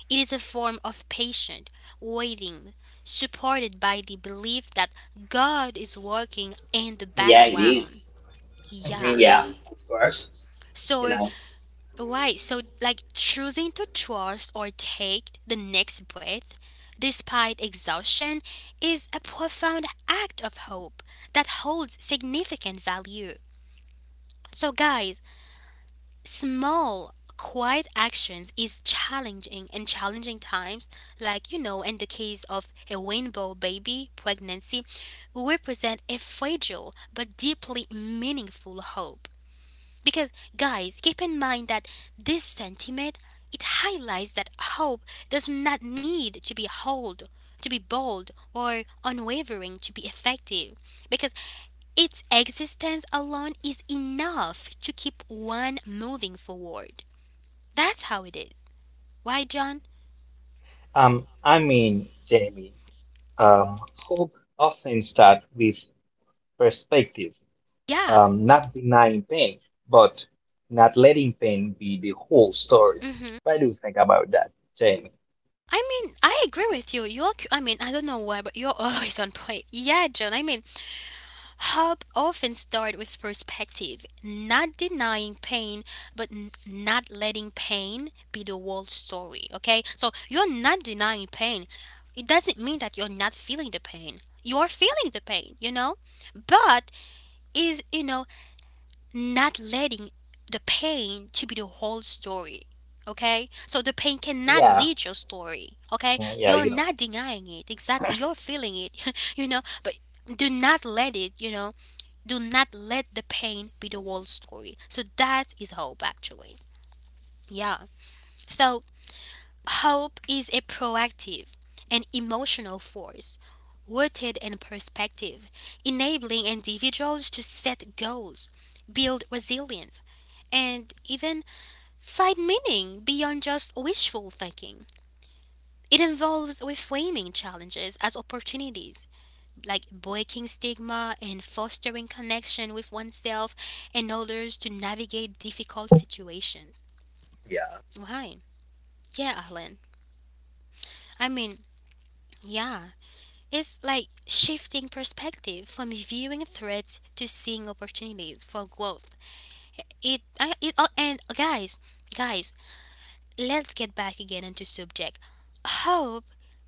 [SPEAKER 1] It is a form of patient waiting, supported by the belief that God is working in the
[SPEAKER 2] Yeah, it is.
[SPEAKER 1] background. Yeah.
[SPEAKER 2] Mhm. Yeah, of course. you
[SPEAKER 1] So,
[SPEAKER 2] know.
[SPEAKER 1] right. So, like choosing to trust or take the next breath despite exhaustion is a profound act of hope that holds significant value. So, guys, small, quiet actions is challenging in challenging times, like in the case of a rainbow baby pregnancy, represent a fragile but deeply meaningful hope. Because, guys, keep in mind that this sentiment, it highlights that hope does not need to be hold to be bold or unwavering to be effective, because its existence alone is enough to keep one moving forward. That's how it is. Why, John?
[SPEAKER 2] Jamie, hope often starts with perspective,
[SPEAKER 1] Yeah.
[SPEAKER 2] not denying pain, but not letting pain be the whole story.
[SPEAKER 1] Mm-hmm.
[SPEAKER 2] What do you think about that, Jamie?
[SPEAKER 1] I mean, I agree with you. You're, I mean, I don't know why, but you're always on point. Yeah, John. I mean, help often start with perspective, not denying pain, but not letting pain be the whole story. Okay, so you're not denying pain. It doesn't mean that you're not feeling the pain. You're feeling the pain, but is not letting the pain to be the whole story. Okay? So the pain cannot
[SPEAKER 2] Yeah.
[SPEAKER 1] lead your story. Okay?
[SPEAKER 2] Yeah,
[SPEAKER 1] You're not denying it. Exactly. You're feeling it. But do not let it, do not let the pain be the whole story. So that is hope actually. Yeah. So hope is a proactive and emotional force rooted in perspective, enabling individuals to set goals, build resilience, and even find meaning beyond just wishful thinking. It involves reframing challenges as opportunities, like breaking stigma and fostering connection with oneself and others to navigate difficult situations.
[SPEAKER 3] Yeah.
[SPEAKER 1] Why? Yeah, Alan. I mean, yeah, it's like shifting perspective from viewing threats to seeing opportunities for growth. It, I, it, oh, and guys, guys, let's get back again into subject. Hope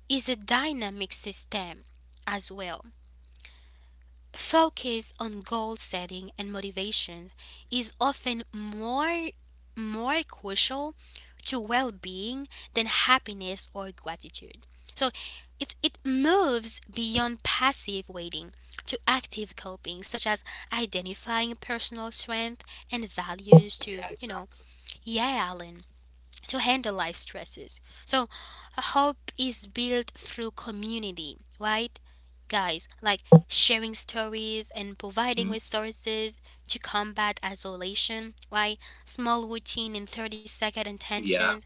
[SPEAKER 1] is a dynamic system as well. Focus on goal setting and motivation is often more crucial to well-being than happiness or gratitude. So it moves beyond passive waiting to active coping, such as identifying personal strength and values to,
[SPEAKER 3] Yeah, exactly.
[SPEAKER 1] yeah, Alan, to handle life stresses. So, hope is built through community, right? Guys, like sharing stories and providing
[SPEAKER 3] Mm,
[SPEAKER 1] resources to combat isolation, right? Small routine and 30-second
[SPEAKER 3] yeah.
[SPEAKER 1] intentions.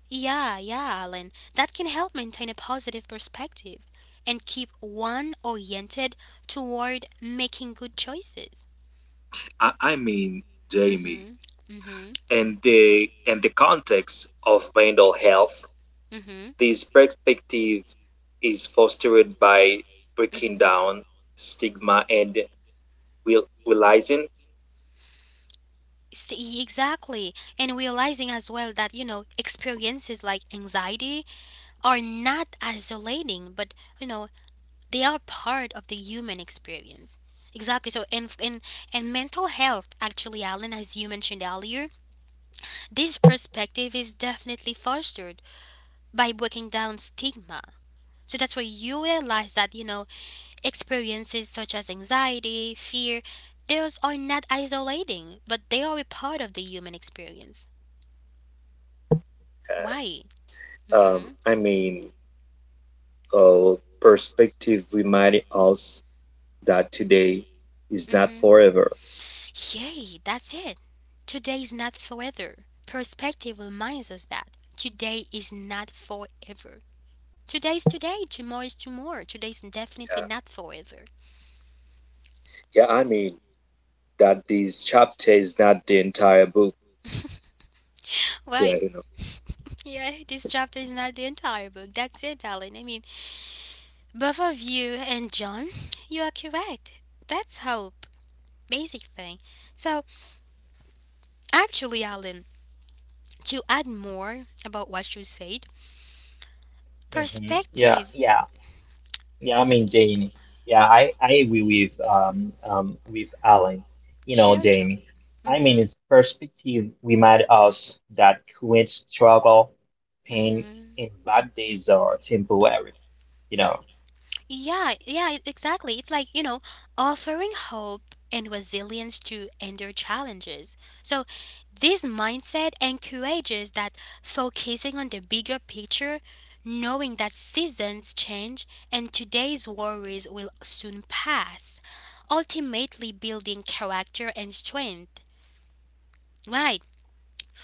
[SPEAKER 1] Yeah, yeah, Alan. That can help maintain a positive perspective and keep one oriented toward making good choices.
[SPEAKER 3] I mean,
[SPEAKER 1] Mm
[SPEAKER 3] Jamie,
[SPEAKER 1] hmm, mm hmm,
[SPEAKER 3] and the context of mental health,
[SPEAKER 1] mm hmm,
[SPEAKER 3] this perspective is fostered by
[SPEAKER 1] mm
[SPEAKER 3] breaking
[SPEAKER 1] hmm.
[SPEAKER 3] down stigma and realizing.
[SPEAKER 1] S- Exactly. And realizing as well that, you know, experiences like anxiety are not isolating, but, you know, they are part of the human experience. Exactly. So, in mental health, actually, Alan, as you mentioned earlier, this perspective is definitely fostered by breaking down stigma. So, that's where you realize that, you know, experiences such as anxiety, fear, those are not isolating, but they are a part of the human experience. Why?
[SPEAKER 3] Um,
[SPEAKER 1] Mm-hmm.
[SPEAKER 3] I mean, uh, perspective reminded us that today is not
[SPEAKER 1] Mm-hmm.
[SPEAKER 3] forever.
[SPEAKER 1] Yay, that's it. Today is not forever. Perspective reminds us that today is not forever. Today is today, tomorrow is tomorrow. Today is definitely not forever.
[SPEAKER 3] Yeah, I mean that this chapter is not the entire book. Yeah,
[SPEAKER 1] Right.
[SPEAKER 3] you know.
[SPEAKER 1] Yeah, this chapter is not the entire book. That's it, darling. I mean, both of you and John, you are correct. That's hope. Basic thing. So, actually, Alan, to add more about what you said,
[SPEAKER 2] Yeah,
[SPEAKER 1] perspective.
[SPEAKER 2] yeah. Jamie, Yeah, I, agree with Alan.
[SPEAKER 1] Share
[SPEAKER 2] Jamie,
[SPEAKER 1] joy. Mm-hmm.
[SPEAKER 2] his perspective remind us that current struggle, pain,
[SPEAKER 1] Mm-hmm.
[SPEAKER 2] and bad days are temporary. You know.
[SPEAKER 1] Yeah, yeah, exactly. It's like, you know, offering hope and resilience to endure challenges. So, this mindset encourages that focusing on the bigger picture, knowing that seasons change and today's worries will soon pass, ultimately building character and strength. Right.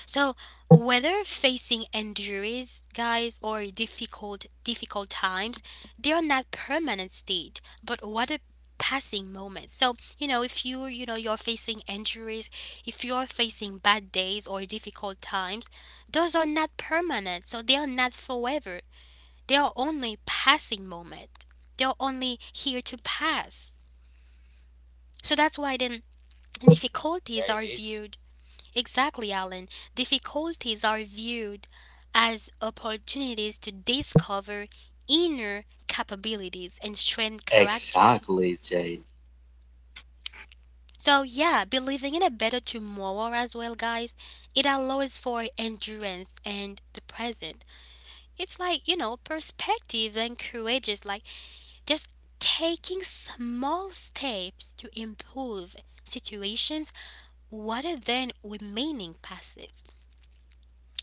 [SPEAKER 1] So, whether facing injuries, guys, or difficult times, they are not permanent state, but what a passing moment. So, you know, if you're facing injuries, if you're facing bad days or difficult times, those are not permanent. So they are not forever. They are only passing moment. They are only here to pass. So that's why then difficulties
[SPEAKER 3] Yeah, it
[SPEAKER 1] are
[SPEAKER 3] is.
[SPEAKER 1] viewed. Exactly, Alan. Difficulties are viewed as opportunities to discover inner capabilities and strength character.
[SPEAKER 3] Exactly, Jane.
[SPEAKER 1] So, yeah, believing in a better tomorrow as well, guys, it allows for endurance and the present. It's like, you know, perspective encourages, like, just taking small steps to improve situations rather than remaining passive.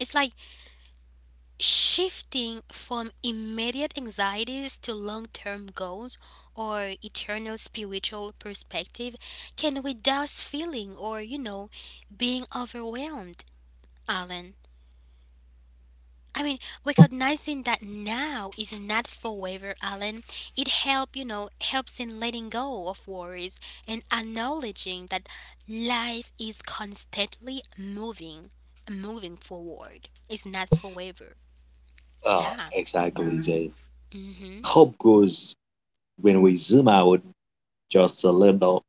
[SPEAKER 1] It's like shifting from immediate anxieties to long term goals or eternal spiritual perspective can without feeling or, you know, being overwhelmed, Alan. I mean, recognizing that now is not forever, Alan. It help, you know, helps in letting go of worries and acknowledging that life is constantly moving, moving forward. It's not forever.
[SPEAKER 3] Ah,
[SPEAKER 1] Yeah.
[SPEAKER 3] exactly, Jane.
[SPEAKER 1] Mhm.
[SPEAKER 3] Hope goes when we zoom out just a little.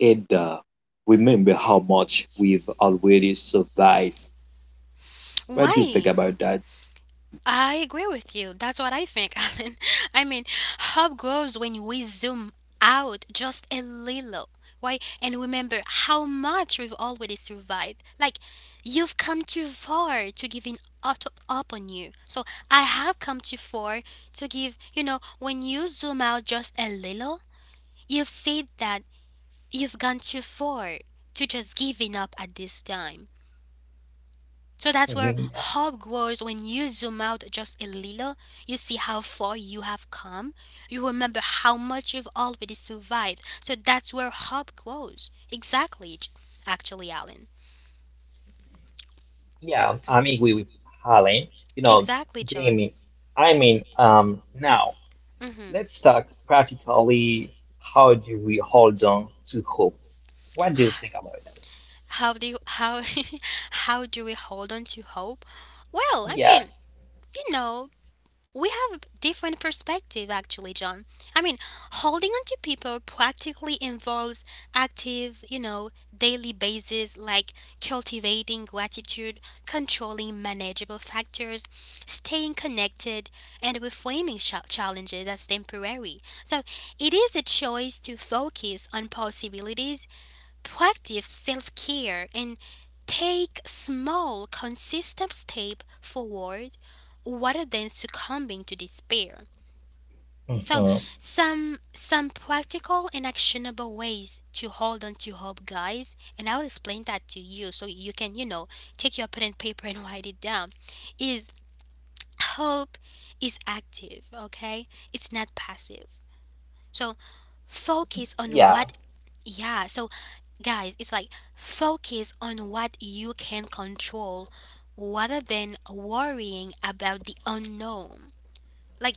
[SPEAKER 3] It remember how much we've already survived. What do you think
[SPEAKER 1] Why?
[SPEAKER 3] about that?
[SPEAKER 1] I agree with you. That's what I think, Alan. I mean, hope grows when we zoom out just a little, right? And remember how much we've already survived. Like, you've come too far to giving up, up on you. So, I have come too far to give, you know, when you zoom out just a little, you've said that you've gone too far to just giving up at this time. So that's where
[SPEAKER 2] Mhm. Yeah,
[SPEAKER 1] hope grows when you zoom out just a little. You see how far you have come. You remember how much you've already survived. So that's where hope grows. Exactly, actually, Alan.
[SPEAKER 2] yeah, I am agree with Alan. You know,
[SPEAKER 1] Exactly, John.
[SPEAKER 2] Jamie, now
[SPEAKER 1] hmm
[SPEAKER 2] let's talk practically. How do we hold on to hope? What do you think about that?
[SPEAKER 1] How do you, how how do we hold on to hope? Well, I
[SPEAKER 2] Yeah.
[SPEAKER 1] mean, you know, we have a different perspective actually, John. I mean, holding on to people practically involves active, you know, daily basis, like cultivating gratitude, controlling manageable factors, staying connected, and reframing challenges as temporary. So it is a choice to focus on possibilities. Practice self care and take small, consistent steps forward rather than succumbing to despair. So,
[SPEAKER 2] Hmm.
[SPEAKER 1] some practical and actionable ways to hold on to hope, guys, and I'll explain that to you so you can, you know, take your pen and paper and write it down. Is hope is active, okay? It's not passive. So, focus on
[SPEAKER 2] Yeah.
[SPEAKER 1] what, yeah, so guys, it's like focus on what you can control rather than worrying about the unknown. Like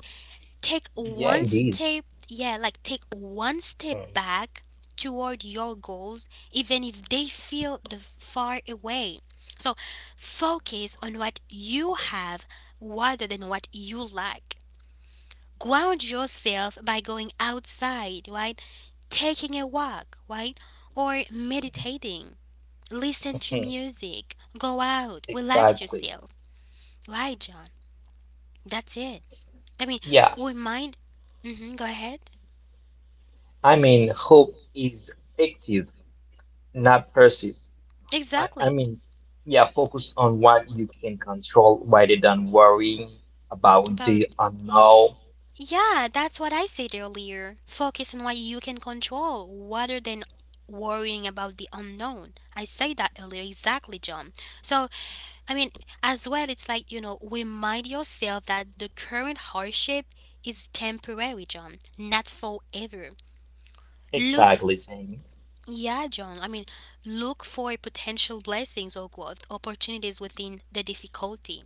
[SPEAKER 1] take
[SPEAKER 2] Yeah,
[SPEAKER 1] one
[SPEAKER 2] it is.
[SPEAKER 1] step, yeah, like take one step back toward your goals even if they feel the far away. So focus on what you have rather than what you lack. Ground yourself by going outside, right? Taking a walk, right? Or meditating, listen to
[SPEAKER 2] Mhm.
[SPEAKER 1] music, go out, relax
[SPEAKER 2] Exactly.
[SPEAKER 1] yourself. Right, John? That's it. I mean,
[SPEAKER 2] Yeah,
[SPEAKER 1] we might. Go ahead.
[SPEAKER 2] Hope is active, not passive. I, I
[SPEAKER 1] Exactly.
[SPEAKER 2] mean, yeah, Focus on what you can control rather than worrying about
[SPEAKER 1] About,
[SPEAKER 2] the unknown.
[SPEAKER 1] yeah, that's what I said earlier. Focus on what you can control rather than worrying about the unknown. I said that earlier, exactly, John. So, I mean, as well, it's like, you know, remind yourself that the current hardship is temporary, John, not forever. Look,
[SPEAKER 2] Exactly, Jamie.
[SPEAKER 1] yeah, John. I mean, look for potential blessings or growth opportunities within the difficulty.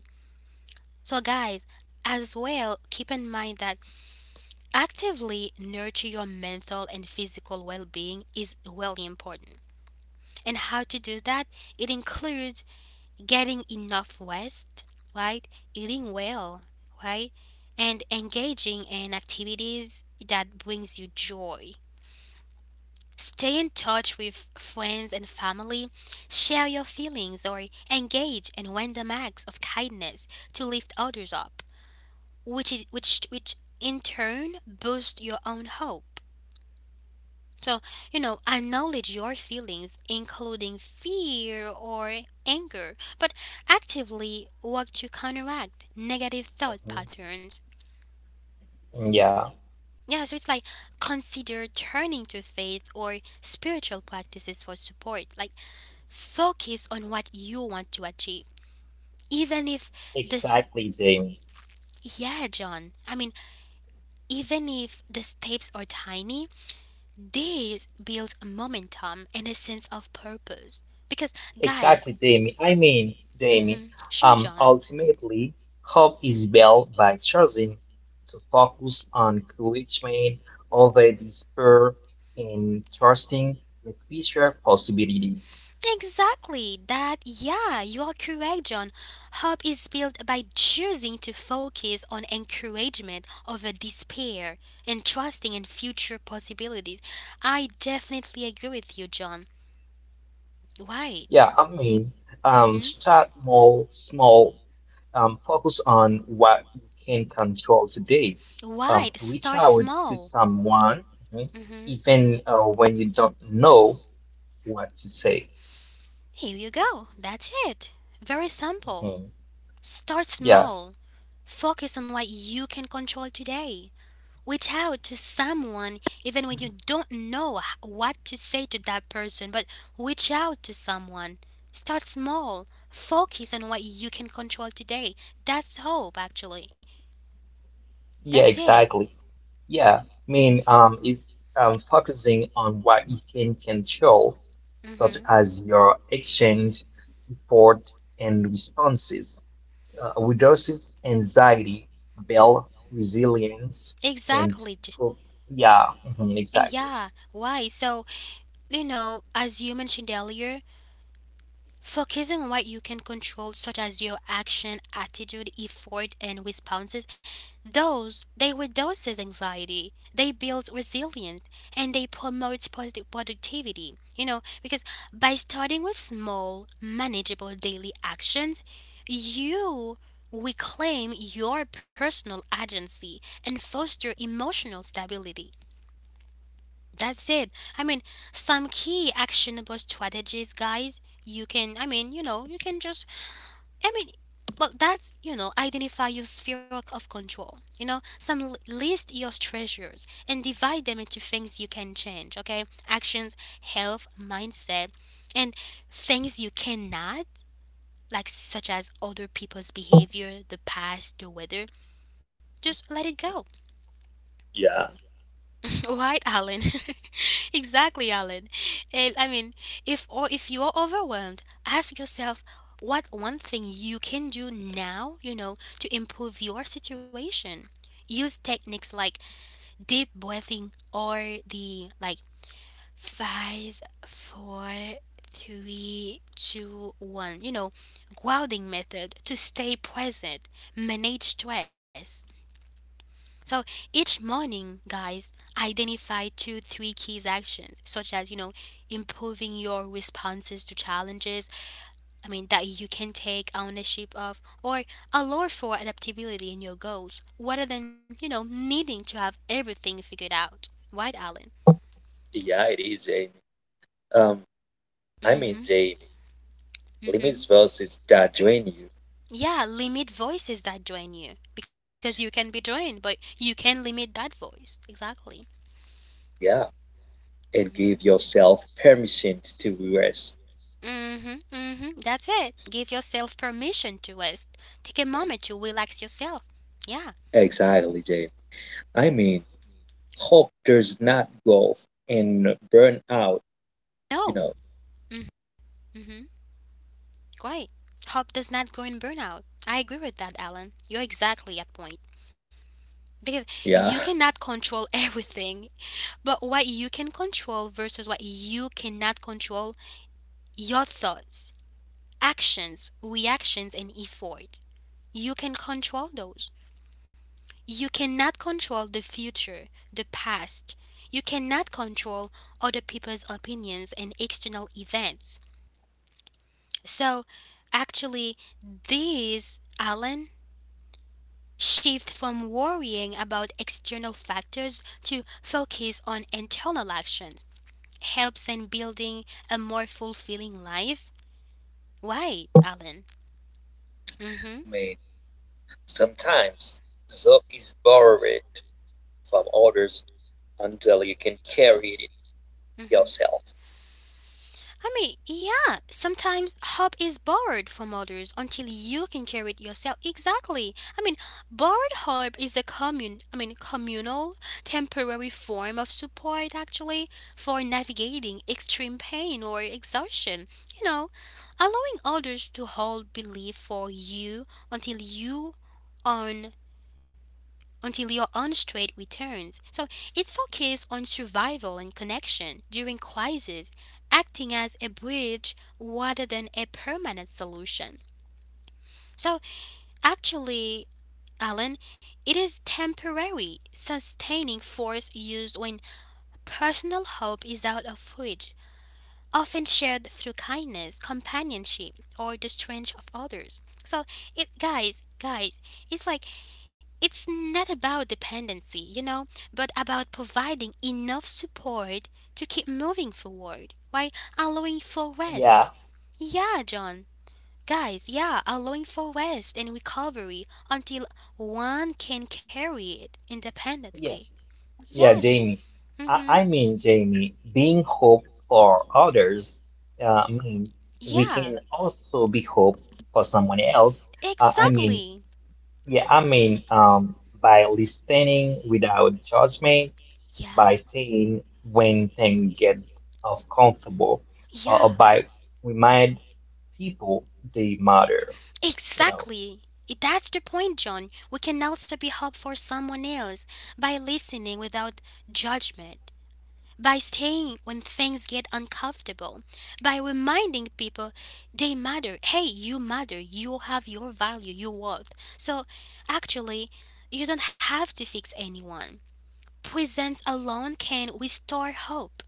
[SPEAKER 1] So, guys, as well, keep in mind that actively nurture your mental and physical well being is really important. And how to do that? It includes getting enough rest, right? Eating well, right? And engaging in activities that brings you joy. Stay in touch with friends and family, share your feelings, or engage in random acts of kindness to lift others up, which in turn boosts your own hope. So, you know, acknowledge your feelings, including fear or anger, but actively work to counteract negative thought
[SPEAKER 2] Mhm.
[SPEAKER 1] patterns.
[SPEAKER 2] Yeah,
[SPEAKER 1] Yeah, so it's like consider turning to faith or spiritual practices for support. Like focus on what you want to achieve. Even if this,
[SPEAKER 2] exactly, Jamie.
[SPEAKER 1] yeah, John, I mean, even if the steps are tiny, this builds momentum and a sense of purpose. Because, guys,
[SPEAKER 2] Exactly, Jamie. Jamie,
[SPEAKER 1] sure, John.
[SPEAKER 2] ultimately, hope is built by choosing to focus on encouragement over despair and trusting the future possibilities.
[SPEAKER 1] Exactly, that, yeah, you are correct, John. Hope is built by choosing to focus on encouragement over despair and trusting in future possibilities. I definitely agree with you, John. Right.
[SPEAKER 2] Yeah, I mean,
[SPEAKER 1] Mm-hmm.
[SPEAKER 2] Start more small, focus on what you can control today.
[SPEAKER 1] Wide,
[SPEAKER 2] Reach
[SPEAKER 1] start
[SPEAKER 2] out to
[SPEAKER 1] small.
[SPEAKER 2] someone, mhm,
[SPEAKER 1] Mhm.
[SPEAKER 2] even when you don't know what to say.
[SPEAKER 1] Here you go. That's it. Very simple.
[SPEAKER 2] Mhm.
[SPEAKER 1] Start
[SPEAKER 2] Yes.
[SPEAKER 1] small. Focus on what you can control today. Reach out to someone even when you don't know what to say to that person, but reach out to someone. Start small. Focus on what you can control today. That's hope, actually.
[SPEAKER 2] Yeah,
[SPEAKER 1] That's it.
[SPEAKER 2] exactly. Yeah, I mean, it's Focusing on what you can control, such
[SPEAKER 1] Mm-hmm.
[SPEAKER 2] as your actions, effort, and responses, reduces anxiety, build resilience, and
[SPEAKER 1] Exactly.
[SPEAKER 2] pro yeah, mhm,
[SPEAKER 1] And
[SPEAKER 2] exactly.
[SPEAKER 1] yeah, why? So, you know, as you mentioned earlier, focusing on what you can control, such as your action, attitude, effort, and responses, those they reduces anxiety, they build resilience, and they promote positive productivity. You know, because by starting with small, manageable daily actions, you reclaim your personal agency and foster emotional stability. That's it. I mean, some key actionable strategies, guys. You can, I mean, you know, you can just, I mean, well, that's, you know, identify your sphere of control. You know, some list your treasures and divide them into things you can change, okay? Actions, health, mindset, and things you cannot, like such as other people's behavior, the past, the weather. Just let it go.
[SPEAKER 3] Yeah,
[SPEAKER 1] Right, Alan. Exactly, Alan. And I mean, if or if you're overwhelmed, ask yourself what one thing you can do now, you know, to improve your situation. Use techniques like deep breathing or the like five, four, three, two, one, you know, grounding method to stay present, manage stress, so each morning, guys, identify two, three key actions, such as, you know, improving your responses to challenges, I mean, that you can take ownership of, or allow for adaptability in your goals, rather than, you know, needing to have everything figured out. Right, Alan?
[SPEAKER 3] yeah, it is, Jamie. Um, I mean,
[SPEAKER 1] Mm-hmm.
[SPEAKER 3] Jamie, limits
[SPEAKER 1] Mm-hmm.
[SPEAKER 3] versus that drain you.
[SPEAKER 1] Yeah, limit voices that join you because you can be joined, but you can limit that voice. Exactly.
[SPEAKER 3] Yeah, and give
[SPEAKER 1] Mhm.
[SPEAKER 3] yourself permission to rest.
[SPEAKER 1] Mm-hmm, mm-hmm. That's it. Give yourself permission to rest. Take a moment to relax yourself. Yeah.
[SPEAKER 3] Exactly, Jay. I mean, hope does not go and burn out, you
[SPEAKER 1] No.
[SPEAKER 3] know.
[SPEAKER 1] Mm-hmm. Mm-hmm. Great. Hope does not grow in burnout. I agree with that, Alan. You're exactly at point. Because you
[SPEAKER 3] Yeah, I
[SPEAKER 1] cannot control everything, but what you can control versus what you cannot control, your thoughts, actions, reactions, and effort. You can control those. You cannot control the future, the past. You cannot control other people's opinions and external events. So, actually, these, Alan, shift from worrying about external factors to focus on internal actions helps in building a more fulfilling life. Right, Alan? Mm hmm.
[SPEAKER 3] mean, sometimes joy is borrowed from others until you can carry it
[SPEAKER 1] Mm hmm.
[SPEAKER 3] yourself.
[SPEAKER 1] I mean, yeah, sometimes hope is borrowed from others until you can carry it yourself. Exactly. I mean, borrowed hope is a commun I mean communal temporary form of support actually for navigating extreme pain or exhaustion. You know, allowing others to hold belief for you until you own until your own strength returns. So it focuses on survival and connection during crises, acting as a bridge rather than a permanent solution. So actually, Alan, it is temporary, sustaining force used when personal hope is out of reach, often shared through kindness, companionship, or the strength of others. So it guys, it's like it's not about dependency, you know, but about providing enough support to keep moving forward while allowing for rest.
[SPEAKER 2] Yeah,
[SPEAKER 1] Yeah, John. Guys, yeah, allowing for rest and recovery until one can carry it
[SPEAKER 2] yeah,
[SPEAKER 1] independently.
[SPEAKER 2] yeah,
[SPEAKER 1] Yeah, John.
[SPEAKER 2] Jamie,
[SPEAKER 1] Mm-hmm.
[SPEAKER 2] Jamie, being hope for others, uh, I mean, we
[SPEAKER 1] Yeah,
[SPEAKER 2] can also be hope for someone else. Uh, I mean,
[SPEAKER 1] exactly.
[SPEAKER 2] Yeah, I mean, um, by listening without judgment,
[SPEAKER 1] Yeah,
[SPEAKER 2] by saying when things get uncomfortable,
[SPEAKER 1] yeah,
[SPEAKER 2] by remind people they matter, you know.
[SPEAKER 1] exactly. That's the point, John. We can also be helpful for someone else by listening without judgment, by staying when things get uncomfortable, by reminding people they matter. Hey, you matter. You have your value, your worth. So actually, you don't have to fix anyone. Presence alone can restore hope.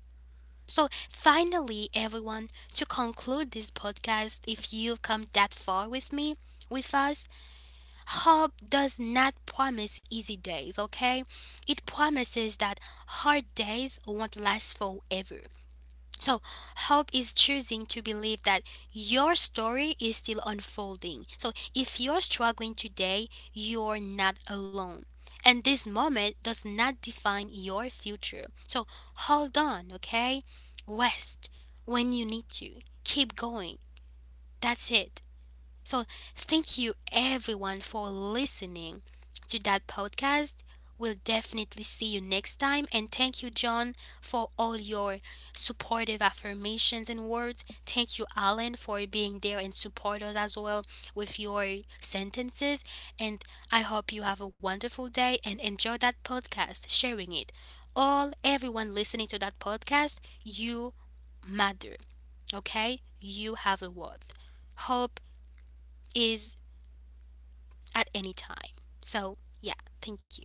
[SPEAKER 1] So finally, everyone, to conclude this podcast, if you've come that far with me, with us, hope does not promise easy days, okay? It promises that hard days won't last forever. So, hope is choosing to believe that your story is still unfolding. So, if you're struggling today, you're not alone. And this moment does not define your future. So, hold on, okay? Rest when you need to. Keep going. That's it. So, thank you everyone for listening to that podcast. We'll definitely see you next time. And thank you, John, for all your supportive affirmations and words. Thank you, Alan, for being there and support us as well with your sentences. And I hope you have a wonderful day and enjoy that podcast, sharing it. All everyone listening to that podcast, you matter. Okay? You have a worth. Hope is at any time. So, yeah, thank you.